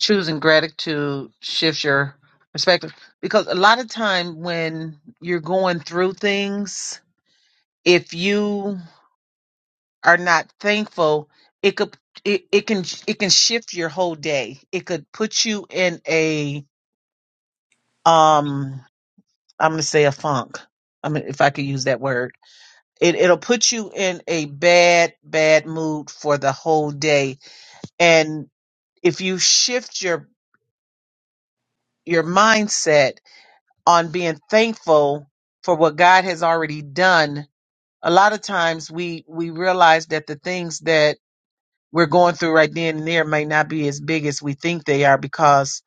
Speaker 1: choosing gratitude shifts your perspective because a lot of time when you're going through things if you are not thankful, it could it, it can it can shift your whole day. It could put you in a um I'm gonna say a funk. I mean if I could use that word. It it'll put you in a bad, bad mood for the whole day. And if you shift your your mindset on being thankful for what God has already done, a lot of times we we realize that the things that we're going through right then and there may not be as big as we think they are because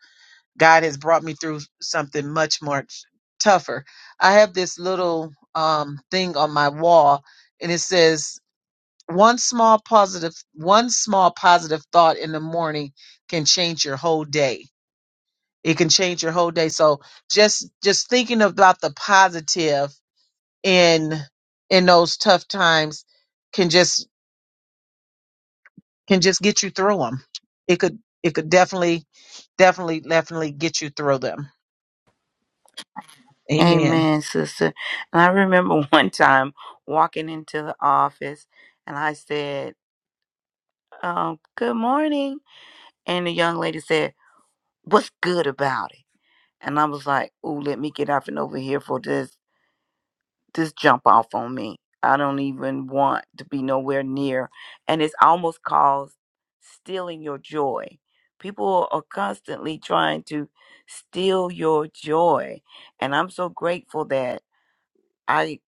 Speaker 1: God has brought me through something much much tougher. I have this little um thing on my wall and it says one small positive one small positive thought in the morning can change your whole day. It can change your whole day. So just just thinking about the positive in in those tough times can just." can just get you through them. It could it could definitely definitely definitely get you through them. Amen.
Speaker 5: Amen, sister. And I remember one time walking into the office and I said, um, Good morning. And the young lady said, What's good about it? And I was like, oh, let me get up and over here for this this jump off on me. I don't even want to be nowhere near. And it's almost called stealing your joy. People are constantly trying to steal your joy. And I'm so grateful that I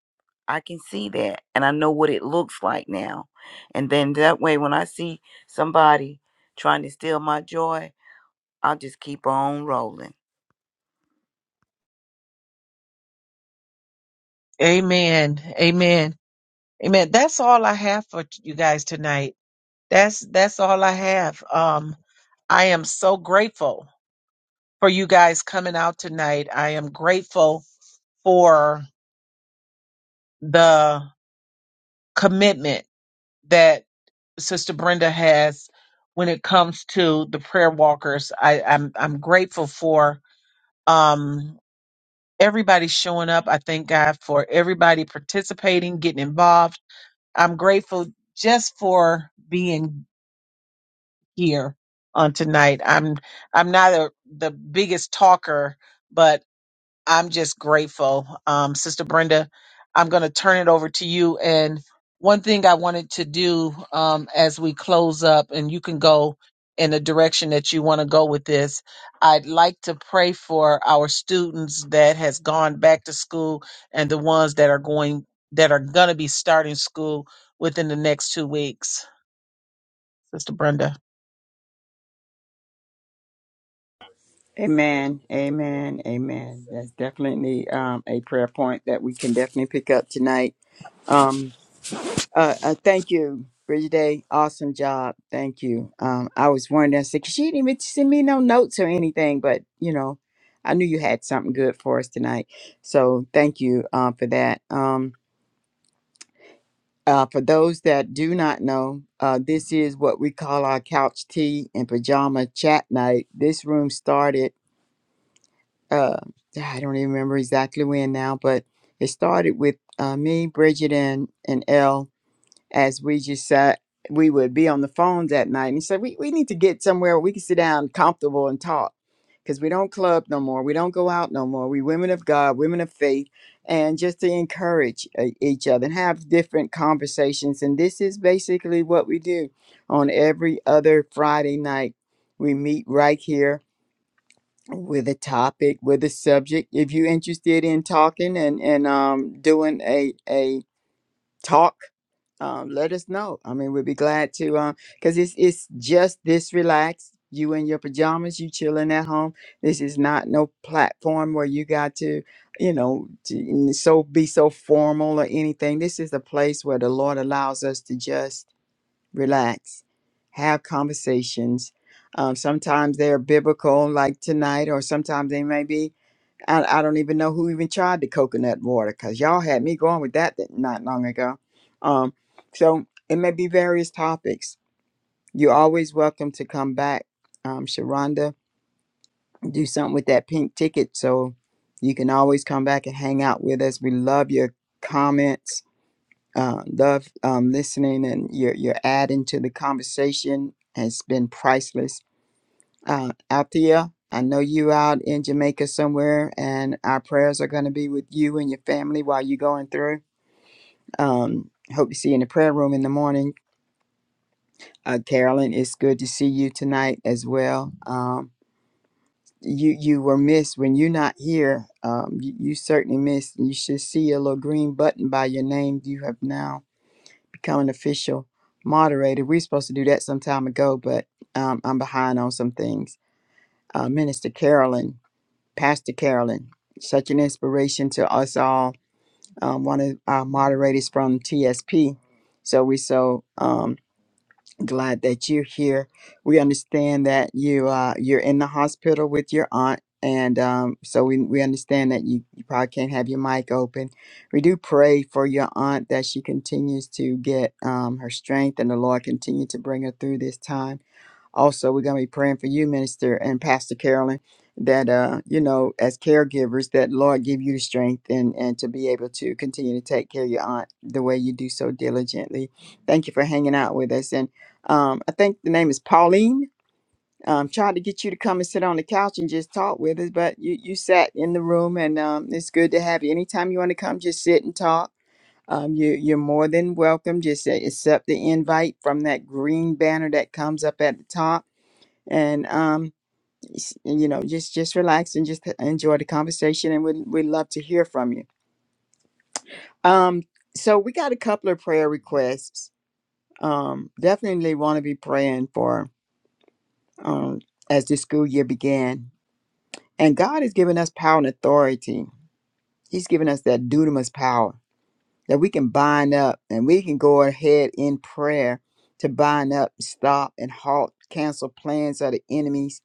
Speaker 5: I can see that and I know what it looks like now. And then that way when I see somebody trying to steal my joy, I'll just keep on rolling.
Speaker 1: Amen. Amen. Amen. That's all I have for you guys tonight. That's that's all I have. Um I am so grateful for you guys coming out tonight. I am grateful for the commitment that Sister Brenda has when it comes to the prayer walkers. I, I'm I'm grateful for. Um, everybody showing up. I thank God for everybody participating, getting involved. I'm grateful just for being here on tonight. I'm I'm not a, the biggest talker, I'm just grateful. Um, Sister Brenda, I'm going to turn it over to you. And one thing I wanted to do um, as we close up, and you can go in the direction that you want to go with this, I'd like to pray for our students that has gone back to school and the ones that are going that are going to be starting school within the next two weeks. Sister Brenda.
Speaker 2: it. Amen. Amen. Amen. That's definitely um, a prayer point that we can definitely pick up tonight. Um, uh, uh, thank you, Bridget Awesome job. Thank you. Um, I was wondering, I said, 'Cause she didn't even send me no notes or anything, but you know, I knew you had something good for us tonight. So thank you um, for that. Um, uh, for those that do not know, uh, this is what we call our couch tea and pajama chat night. This room started. uh, I don't even remember exactly when now, but it started with uh, me, Bridget, and and Elle as we just sat. We would be on the phone that night, and he said, "We we need to get somewhere where we can sit down, comfortable, and talk, because we don't club no more. We don't go out no more. We women of God, women of faith, and just to encourage uh, each other and have different conversations. And this is basically what we do on every other Friday night. We meet right here." with a topic, with a subject. If you're interested in talking and and um doing a a talk, um, let us know. I mean, we'd be glad to um because it's it's just this relaxed. You in your pajamas, you chilling at home. This is not no platform where you got to, you know, to, so be so formal or anything. This is a place where the Lord allows us to just relax, have conversations. Um, sometimes they're biblical, like tonight, or sometimes they may be. I, I don't even know who even tried the coconut water because y'all had me going with that th- not long ago. Um, so it may be various topics. You're always welcome to come back, um, Sharonda. Do something with that pink ticket so you can always come back and hang out with us. We love your comments uh, love um, listening and your your adding to the conversation has been priceless. Uh, Althea, I know you out in Jamaica somewhere, and our prayers are going to be with you and your family while you're going through. Um, hope to see you in the prayer room in the morning. Uh, Carolyn, it's good to see you tonight as well. Um, you you were missed when you're not here. Um, you, you certainly missed. You should see a little green button by your name. You have now become an official moderator. We are supposed to do that some time ago, but um, I'm behind on some things. Uh, Minister Carolyn, Pastor Carolyn, such an inspiration to us all. Um, one of our moderators from TSP. So we're so um, glad that you're here. We understand that you uh, you're in the hospital with your aunt, and um, so we we understand that you, you probably can't have your mic open. We do pray for your aunt that she continues to get um, her strength, and the Lord continue to bring her through this time. Also, we're going to be praying for you, Minister and Pastor Carolyn, that, uh, you know, as caregivers, that Lord give you the strength and, and to be able to continue to take care of your aunt the way you do so diligently. Thank you for hanging out with us. And um, I think the name is Pauline. Um, tried to get you to come and sit on the couch and just talk with us, but you, you sat in the room, and um, it's good to have you. Anytime you want to come, just sit and talk. Um, you, you're more than welcome. Just uh, accept the invite from that green banner that comes up at the top and um, s- you know, just just relax and just enjoy the conversation, and we'd we'd love to hear from you. Um, so we got a couple of prayer requests. Um, definitely want to be praying for um as the school year began, and God has given us power and authority. He's given us that dunamis power that we can bind up and we can go ahead in prayer to bind up, stop, and halt, cancel plans of the enemies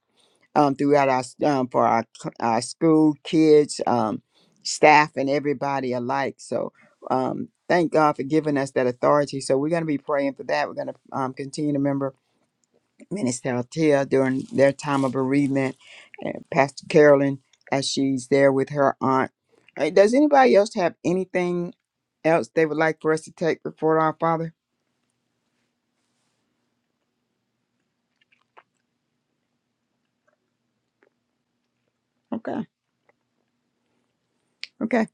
Speaker 2: um, throughout our s- um, for our cl- our school kids, um, staff, and everybody alike. So um, thank God for giving us that authority. So we're going to be praying for that. We're going to um, continue to remember Minister Altea during their time of bereavement, and Pastor Carolyn as she's there with her aunt. Uh, Does anybody else have anything else they would like for us to take before our Father? Okay, okay.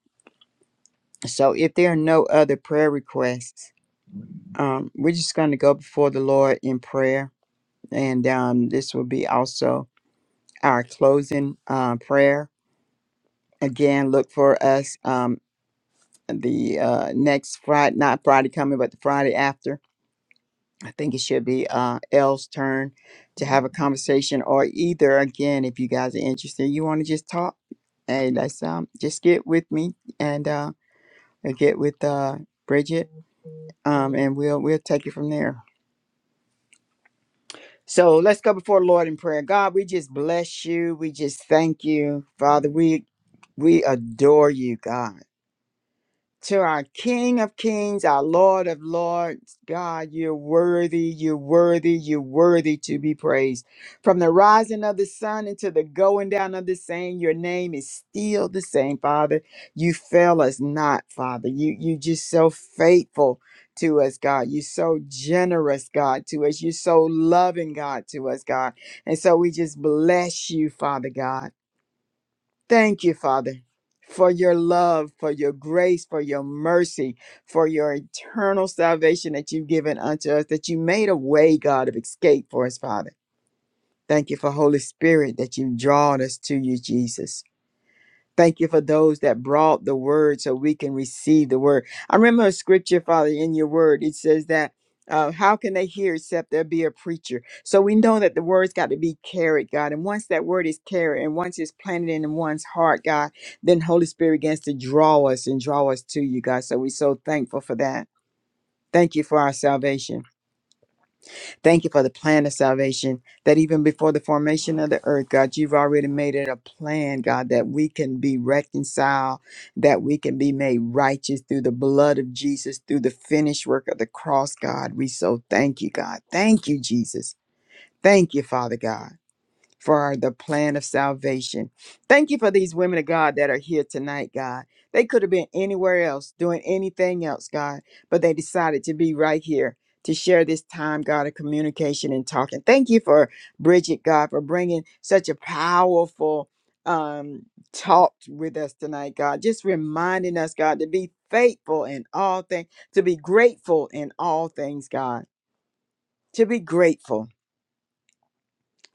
Speaker 2: So if there are no other prayer requests, um, we're just going to go before the Lord in prayer And um, this will be also our closing uh, prayer. Again, look for us um, the uh, next Friday, not Friday coming, but the Friday after. I think it should be uh, Elle's turn to have a conversation, or either again, if you guys are interested, you want to just talk. Hey, let's um, just get with me and uh, get with uh, Bridget, um, and we'll we'll take it from there. So let's go before the Lord in prayer. God, we just bless you. We just thank you, Father. We we adore you, God to our King of Kings, our Lord of Lords, God, you're worthy, you're worthy, you're worthy to be praised. From the rising of the sun until the going down of the same, your name is still the same, Father. You fail us not, Father. You you just so faithful to us, God. You're so generous, God, to us. You're so loving, God, to us, God. And so we just bless you, Father God. Thank you, Father, for your love, for your grace, for your mercy, for your eternal salvation that you've given unto us, that you made a way, God, of escape for us, Father. Thank you for Holy Spirit that you've drawn us to you, Jesus. Thank you for those that brought the word so we can receive the word. I remember a scripture, Father, in your word. It says that uh, how can they hear except there be a preacher? So we know that the word's got to be carried, God. And once that word is carried and once it's planted in one's heart, God, then Holy Spirit begins to draw us and draw us to you, God. So we're so thankful for that. Thank you for our salvation. Thank you for the plan of salvation that even before the formation of the earth, God, you've already made it a plan, God, that we can be reconciled, that we can be made righteous through the blood of Jesus, through the finished work of the cross, God. We so thank you, God. Thank you, Jesus. Thank you, Father God for the plan of salvation. Thank you for these women of God that are here tonight, God. They could have been anywhere else doing anything else, God, but they decided to be right here to share this time, God, of communication and talking. Thank you for Bridget, God, for bringing such a powerful um talk with us tonight god just reminding us god to be faithful in all things to be grateful in all things god to be grateful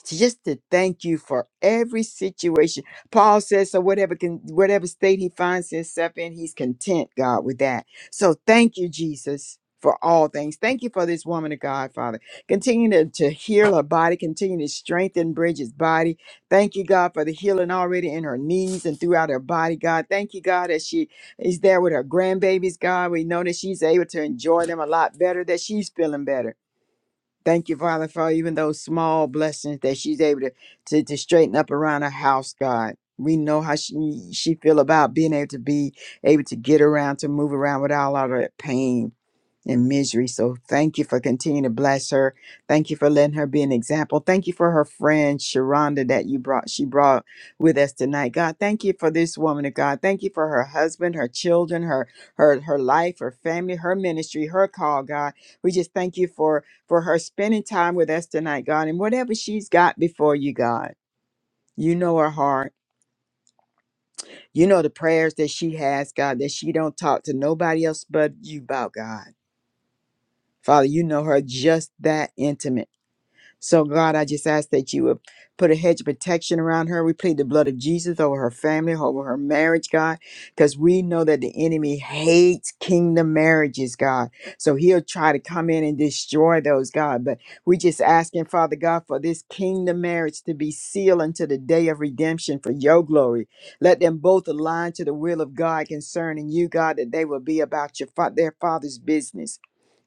Speaker 2: just to thank you for every situation. Paul says, so whatever can whatever state he finds himself in, he's content, God, with that. So thank you, Jesus. For all things. Thank you for this woman of God, Father. Continue to, to heal her body, continue to strengthen Bridget's body. Thank you, God, for the healing already in her knees and throughout her body, God. Thank you, God, that she is there with her grandbabies, God. We know that she's able to enjoy them a lot better, that she's feeling better. Thank you, Father, for even those small blessings that she's able to, to, to straighten up around her house, God. We know how she she feel about being able to be able to get around, to move around without a lot of that pain and misery. So thank you for continuing to bless her. Thank you for letting her be an example. Thank you for her friend Sharonda that you brought she brought with us tonight. God, thank you for this woman of God. Thank you for her husband, her children, her her her life, her family, her ministry, her call, God. We just thank you for for her spending time with us tonight, God. And whatever she's got before you, God. You know her heart. You know the prayers that she has, God, that she don't talk to nobody else but you about, God. Father, you know her just that intimate. So, God, I just ask that you would put a hedge of protection around her. We plead the blood of Jesus over her family, over her marriage, God, because we know that the enemy hates kingdom marriages, God. So he'll try to come in and destroy those, God. But we just asking, Father God, for this kingdom marriage to be sealed until the day of redemption for your glory. Let them both align to the will of God concerning you, God, that they will be about your fa- their father's business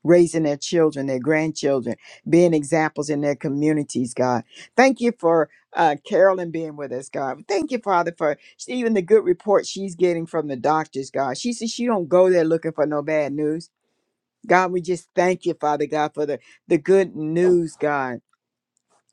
Speaker 2: raising their children, their grandchildren, being examples in their communities, God. Thank you for uh, Carolyn being with us, God. Thank you, Father, for even the good report she's getting from the doctors, God. She says she don't go there looking for no bad news. God, we just thank you, Father God, for the, the good news, God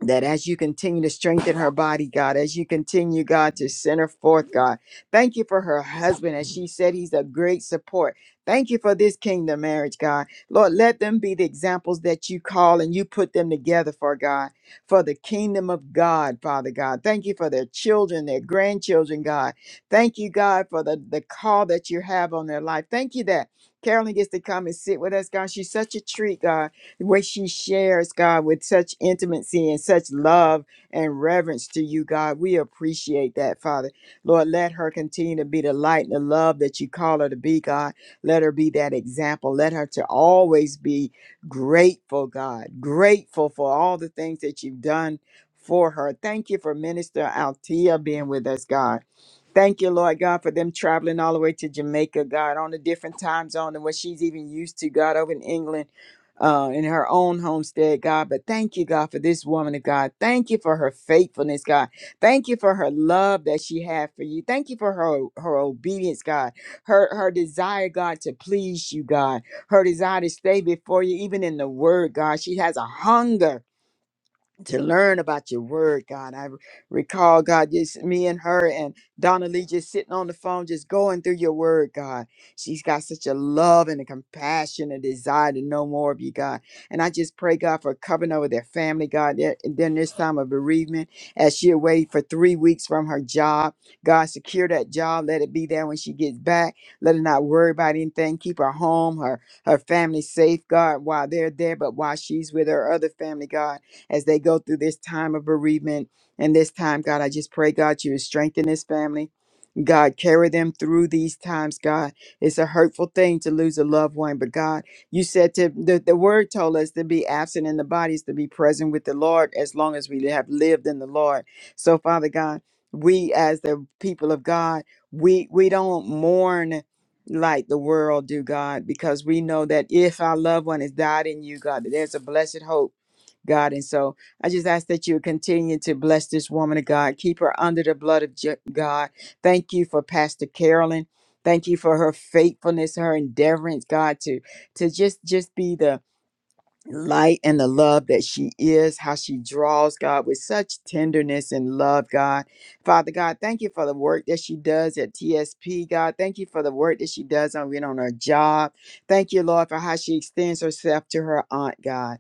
Speaker 2: that as you continue to strengthen her body, God, as you continue, God, to send her forth, God, thank you for her husband. As she said, he's a great support. Thank you for this kingdom marriage, God. Lord, let them be the examples that you call and you put them together for, God, for the kingdom of God, Father God. Thank you for their children, their grandchildren, God. Thank you, God, for the, the call that you have on their life. Thank you that Carolyn gets to come and sit with us, God. She's such a treat, God where she shares, God, with such intimacy and such love and reverence to you, God. We appreciate that, Father. Lord, let her continue to be the light and the love that you call her to be, God. Let her be that example. Let her to always be grateful, God, grateful for all the things that you've done for her. Thank you for Minister Altia being with us, God. Thank you, Lord God, for them traveling all the way to Jamaica, God, on a different time zone than what she's even used to, God, over in England uh, in her own homestead, God. But thank you, God, for this woman of God. Thank you for her faithfulness, God. Thank you for her love that she had for you. Thank you for her, her obedience, God. Her her desire, God, to please you, God. Her desire to stay before you, even in the word, God. She has a hunger to learn about your word, God. I recall, God, just me and her and Donna Lee just sitting on the phone, just going through your word, God. She's got such a love and a compassion and desire to know more of you, God. And I just pray, God, for covering over their family, God, there- during this time of bereavement, as she away for three weeks from her job. God, secure that job. Let it be there when she gets back. Let her not worry about anything. Keep her home, her, her family safe, God, while they're there, but while she's with her other family, God as they go through this time of bereavement and this time, God, I just pray, God, you would strengthen this family. God, carry them through these times, God. It's a hurtful thing to lose a loved one, but God, you said to the, the word told us to be absent in the bodies, to be present with the Lord as long as we have lived in the Lord. So, Father God, we as the people of God, we we don't mourn like the world do, God, because we know that if our loved one has died in you, God, that there's a blessed hope. God. And so I just ask that you continue to bless this woman of God. Keep her under the blood of Je- God. Thank you for Pastor Carolyn. Thank you for her faithfulness, her endeavorance, God, to to just just be the light and the love that she is, how she draws God with such tenderness and love, God. Father God, thank you for the work that she does at TSP, God. Thank you for the work that she does on, on her job. Thank you, Lord, for how she extends herself to her aunt, God.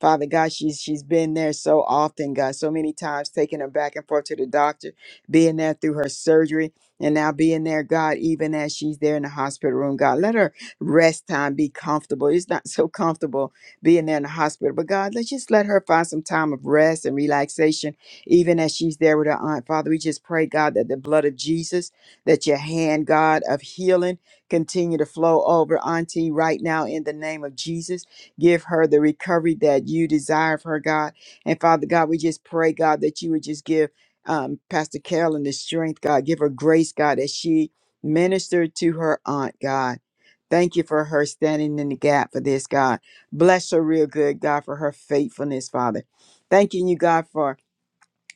Speaker 2: Father God, she's she's been there so often, God, so many times, taking her back and forth to the doctor, being there through her surgery, and now being there, God, even as she's there in the hospital room, God. Let her rest time be comfortable. It's not so comfortable being there in the hospital. But God, let's just let her find some time of rest and relaxation, even as she's there with her aunt. Father, we just pray, God, that the blood of Jesus, that your hand, God, of healing continue to flow over Auntie right now in the name of Jesus. Give her the recovery that you desire for her, God. And Father God, we just pray, God, that you would just give um, Pastor Carolyn the strength, God. Give her grace, God, as she ministered to her aunt, God. Thank you for her standing in the gap for this, God. Bless her real good, God, for her faithfulness, Father. Thanking you, God, for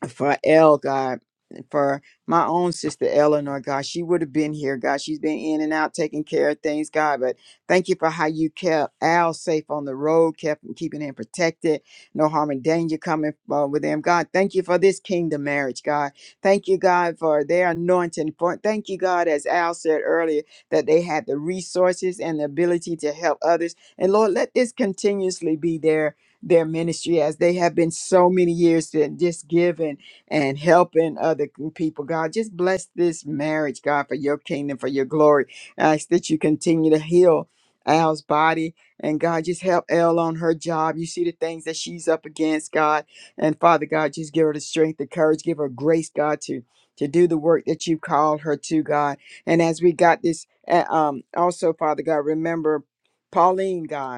Speaker 2: for Elle, God, for my own sister Eleanor, God. She would have been here, God. She's been in and out taking care of things, God. But thank you for how you kept Al safe on the road, kept him- keeping him protected, no harm and danger coming uh, with him, God. Thank you for this kingdom marriage, God. Thank you, God, for their anointing. For, thank you, God, as Al said earlier, that they had the resources and the ability to help others. And Lord, let this continuously be there their ministry as they have been so many years to just giving and helping other people. God, just bless this marriage, God, for your kingdom, for your glory. I ask that you continue to heal Al's body. And God, just help Elle on her job. You see the things that she's up against, God. And Father God, just give her the strength, the courage, give her grace, God, to to do the work that you called her to, God. And as we got this, uh, um, also, Father God, remember Pauline, God.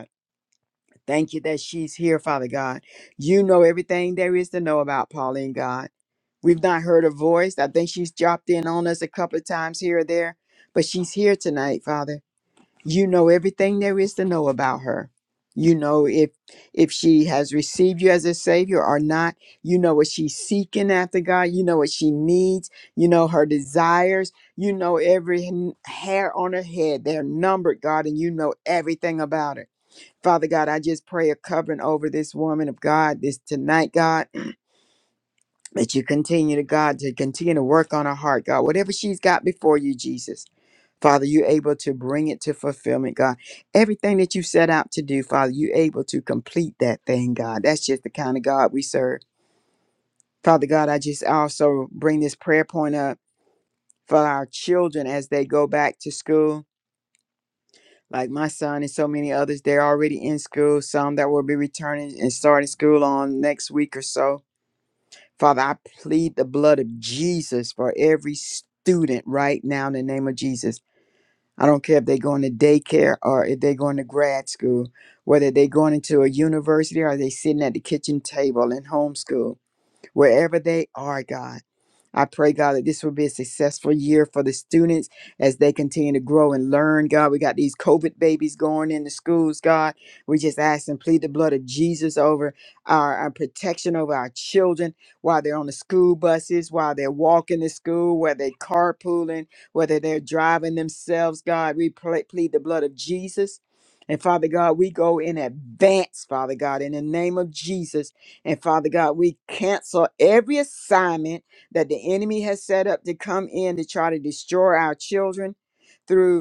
Speaker 2: Thank you that she's here, Father God. You know everything there is to know about Pauline, God. We've not heard her voice. I think she's dropped in on us a couple of times here or there, but she's here tonight, Father. You know everything there is to know about her. You know if if she has received you as a savior or not. You know what she's seeking after, God. You know what she needs. You know her desires. You know every hair on her head. They're numbered, God, and you know everything about her. Father God, I just pray a covering over this woman of God this tonight, God, that you continue to God to continue to work on her heart, God. Whatever she's got before you, Jesus. Father, you're able to bring it to fulfillment, God. Everything that you set out to do, Father, you're able to complete that thing, God. That's just the kind of God we serve. Father God, I just also bring this prayer point up for our children as they go back to school. Like my son and so many others, they're already in school, some that will be returning and starting school on next week or so. Father, I plead the blood of Jesus for every student right now in the name of Jesus. I don't care if they're going to daycare or if they're going to grad school, whether they're going into a university or they're sitting at the kitchen table in homeschool, wherever they are, God. I pray, God, that this will be a successful year for the students as they continue to grow and learn, God. We got these COVID babies going into schools, God. We just ask and plead the blood of Jesus over our, our protection over our children while they're on the school buses, while they're walking to school, whether they're carpooling, whether they're driving themselves, God. We pl- plead the blood of Jesus. And Father God, we go in advance, Father God, in the name of Jesus. And Father God, we cancel every assignment that the enemy has set up to come in to try to destroy our children through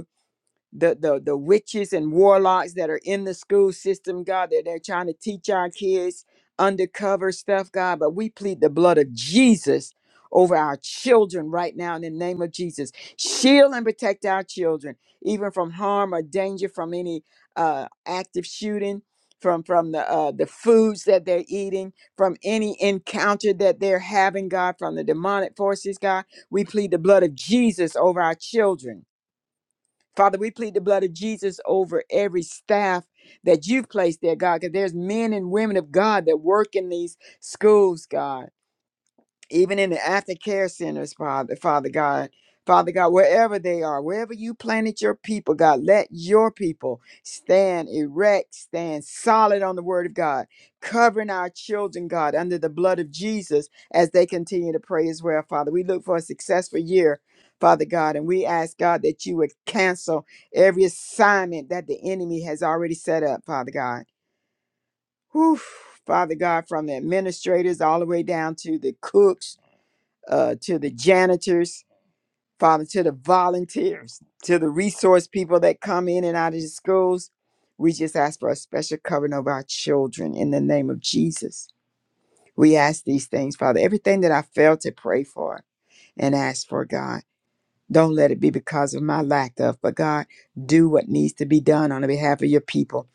Speaker 2: the the the witches and warlocks that are in the school system, God, that they're trying to teach our kids undercover stuff, God. But we plead the blood of Jesus over our children right now in the name of Jesus. Shield and protect our children, even from harm or danger from any uh, active shooting. From from the uh, the foods that they're eating, from any encounter that they're having, God, from the demonic forces, God, we plead the blood of Jesus over our children Father, we plead the blood of Jesus over every staff that you've placed there, God, because there's men and women of God that work in these schools, God even in the aftercare centers, Father, Father God, Father God, wherever they are, wherever you planted your people, God, let your people stand erect, stand solid on the word of God, covering our children, God, under the blood of Jesus as they continue to pray as well, Father. We look for a successful year. Father God, and we ask God that you would cancel every assignment that the enemy has already set up, Father God. Whew, Father God, from the administrators all the way down to the cooks, uh, to the janitors, Father, to the volunteers, to the resource people that come in and out of the schools. We just ask for a special covering of our children in the name of Jesus. We ask these things, Father. Everything that I failed to pray for and ask for, God, don't let it be because of my lack of, but God, do what needs to be done on the behalf of your people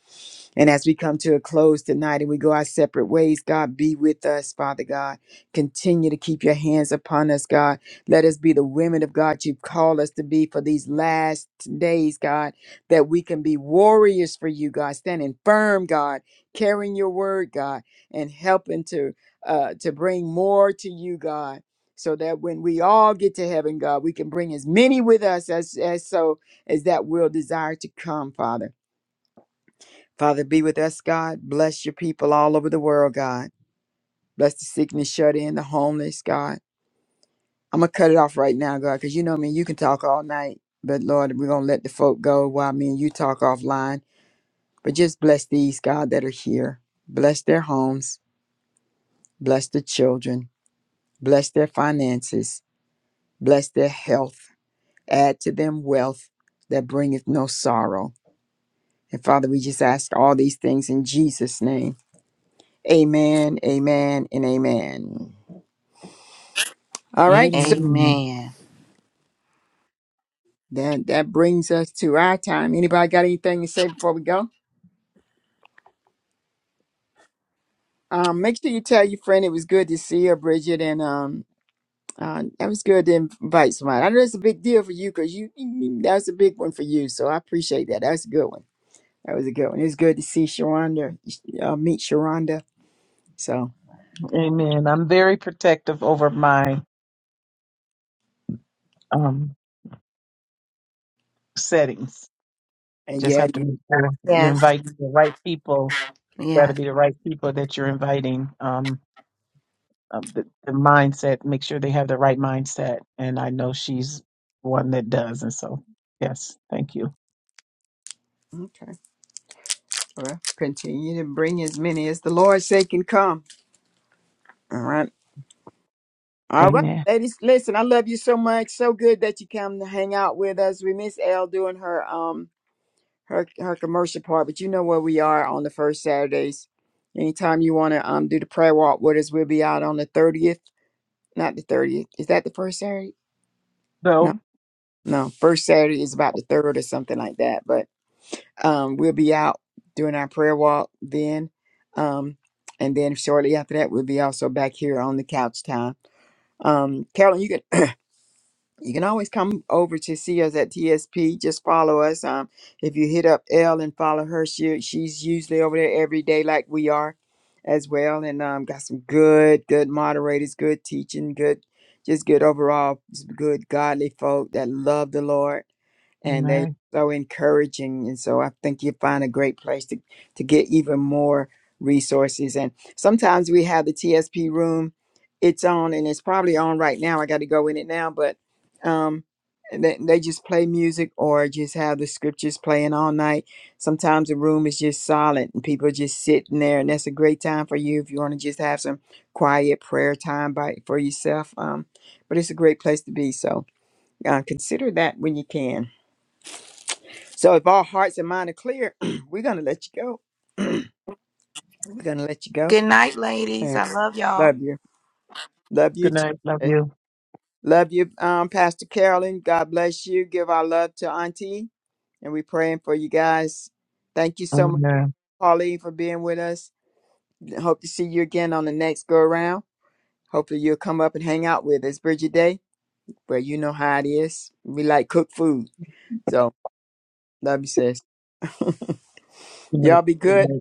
Speaker 2: and as we come to a close tonight and we go our separate ways, God, be with us, Father God. Continue to keep your hands upon us, God. Let us be the women of God you've called us to be for these last days, God, that we can be warriors for you, God, standing firm, God, carrying your word, God, and helping to uh, to bring more to you, God. So that when we all get to heaven, God, we can bring as many with us as, as so as that will desire to come, Father. Father, be with us, God. Bless your people all over the world, God. Bless the sick and the shut in, the homeless, God. I'm going to cut it off right now, God, because you know me, you can talk all night. But Lord, we're going to let the folk go while me and you talk offline. But just bless these, God, that are here. Bless their homes. Bless the children. Bless their finances. Bless their health. Add to them wealth that bringeth no sorrow. And Father, we just ask all these things in Jesus' name. Amen, amen, and amen. All right, so
Speaker 1: Amen.
Speaker 5: Amen.
Speaker 2: that that brings us to our time. Anybody got anything to say before we go? Um, make sure you tell your friend it was good to see her, Bridget, and um, uh, that was good to invite somebody. I know it's a big deal for you because you mm, that's a big one for you. So I appreciate that. That's a good one. That was a good one. It's good to see Sharonda, uh, meet Sharonda. So
Speaker 1: Amen. I'm very protective over my um, settings.
Speaker 2: and
Speaker 1: Just
Speaker 2: yeah,
Speaker 1: have to
Speaker 2: yeah.
Speaker 1: make sure you're
Speaker 5: Yes.
Speaker 1: inviting the right people. Got
Speaker 5: Yes.
Speaker 1: to be the right people that you're inviting. Um, um, the, the mindset. Make sure they have the right mindset. And I know she's one that does. And so, yes, thank you.
Speaker 2: Okay. Well, continue to bring as many as the Lord say can come. All right. All right,
Speaker 1: Amen.
Speaker 2: ladies, listen, I love you so much. So good that you come to hang out with us. We miss Elle doing her um her her commercial part, but you know where we are on the first Saturdays. Anytime you want to um do the prayer walk with us, we'll be out on the thirtieth. Not the thirtieth. Is that the first Saturday? No,
Speaker 1: So,
Speaker 2: no. First Saturday is about the third or something like that. But um, we'll be out doing our prayer walk then. Um, and then shortly after that, we'll be also back here on the couch time. Um, Carolyn, you can. you can always come over to see us at TSP. Just follow us. Um, if you hit up Elle and follow her, she she's usually over there every day, like we are, as well. And um, got some good, good moderators, good teaching, good, just good overall, just good godly folk that love the Lord and they
Speaker 1: amen.
Speaker 2: so encouraging and so i think you find a great place to, to get even more resources and sometimes we have the tsp room it's on and it's probably on right now i got to go in it now but um they, they just play music or just have the scriptures playing all night sometimes the room is just silent and people are just sitting there and that's a great time for you if you want to just have some quiet prayer time by for yourself um but it's a great place to be so uh, consider that when you can so if all hearts and mind are clear we're gonna let you go we're gonna let you go
Speaker 5: Good night, ladies.
Speaker 2: and
Speaker 5: I love y'all.
Speaker 2: love you love you
Speaker 1: Good
Speaker 2: too
Speaker 1: night. Love you.
Speaker 2: love you um pastor carolyn god bless you give our love to auntie and we're praying for you guys. Thank you so much,
Speaker 1: Amen.
Speaker 2: Pauline, for being with us. Hope to see you again on the next go around. Hopefully, you'll come up and hang out with us, Bridget Day, where you know how it is. We like cooked food. So, love you, sis.
Speaker 1: Good night.
Speaker 2: Y'all be
Speaker 1: Good
Speaker 2: good.
Speaker 1: night.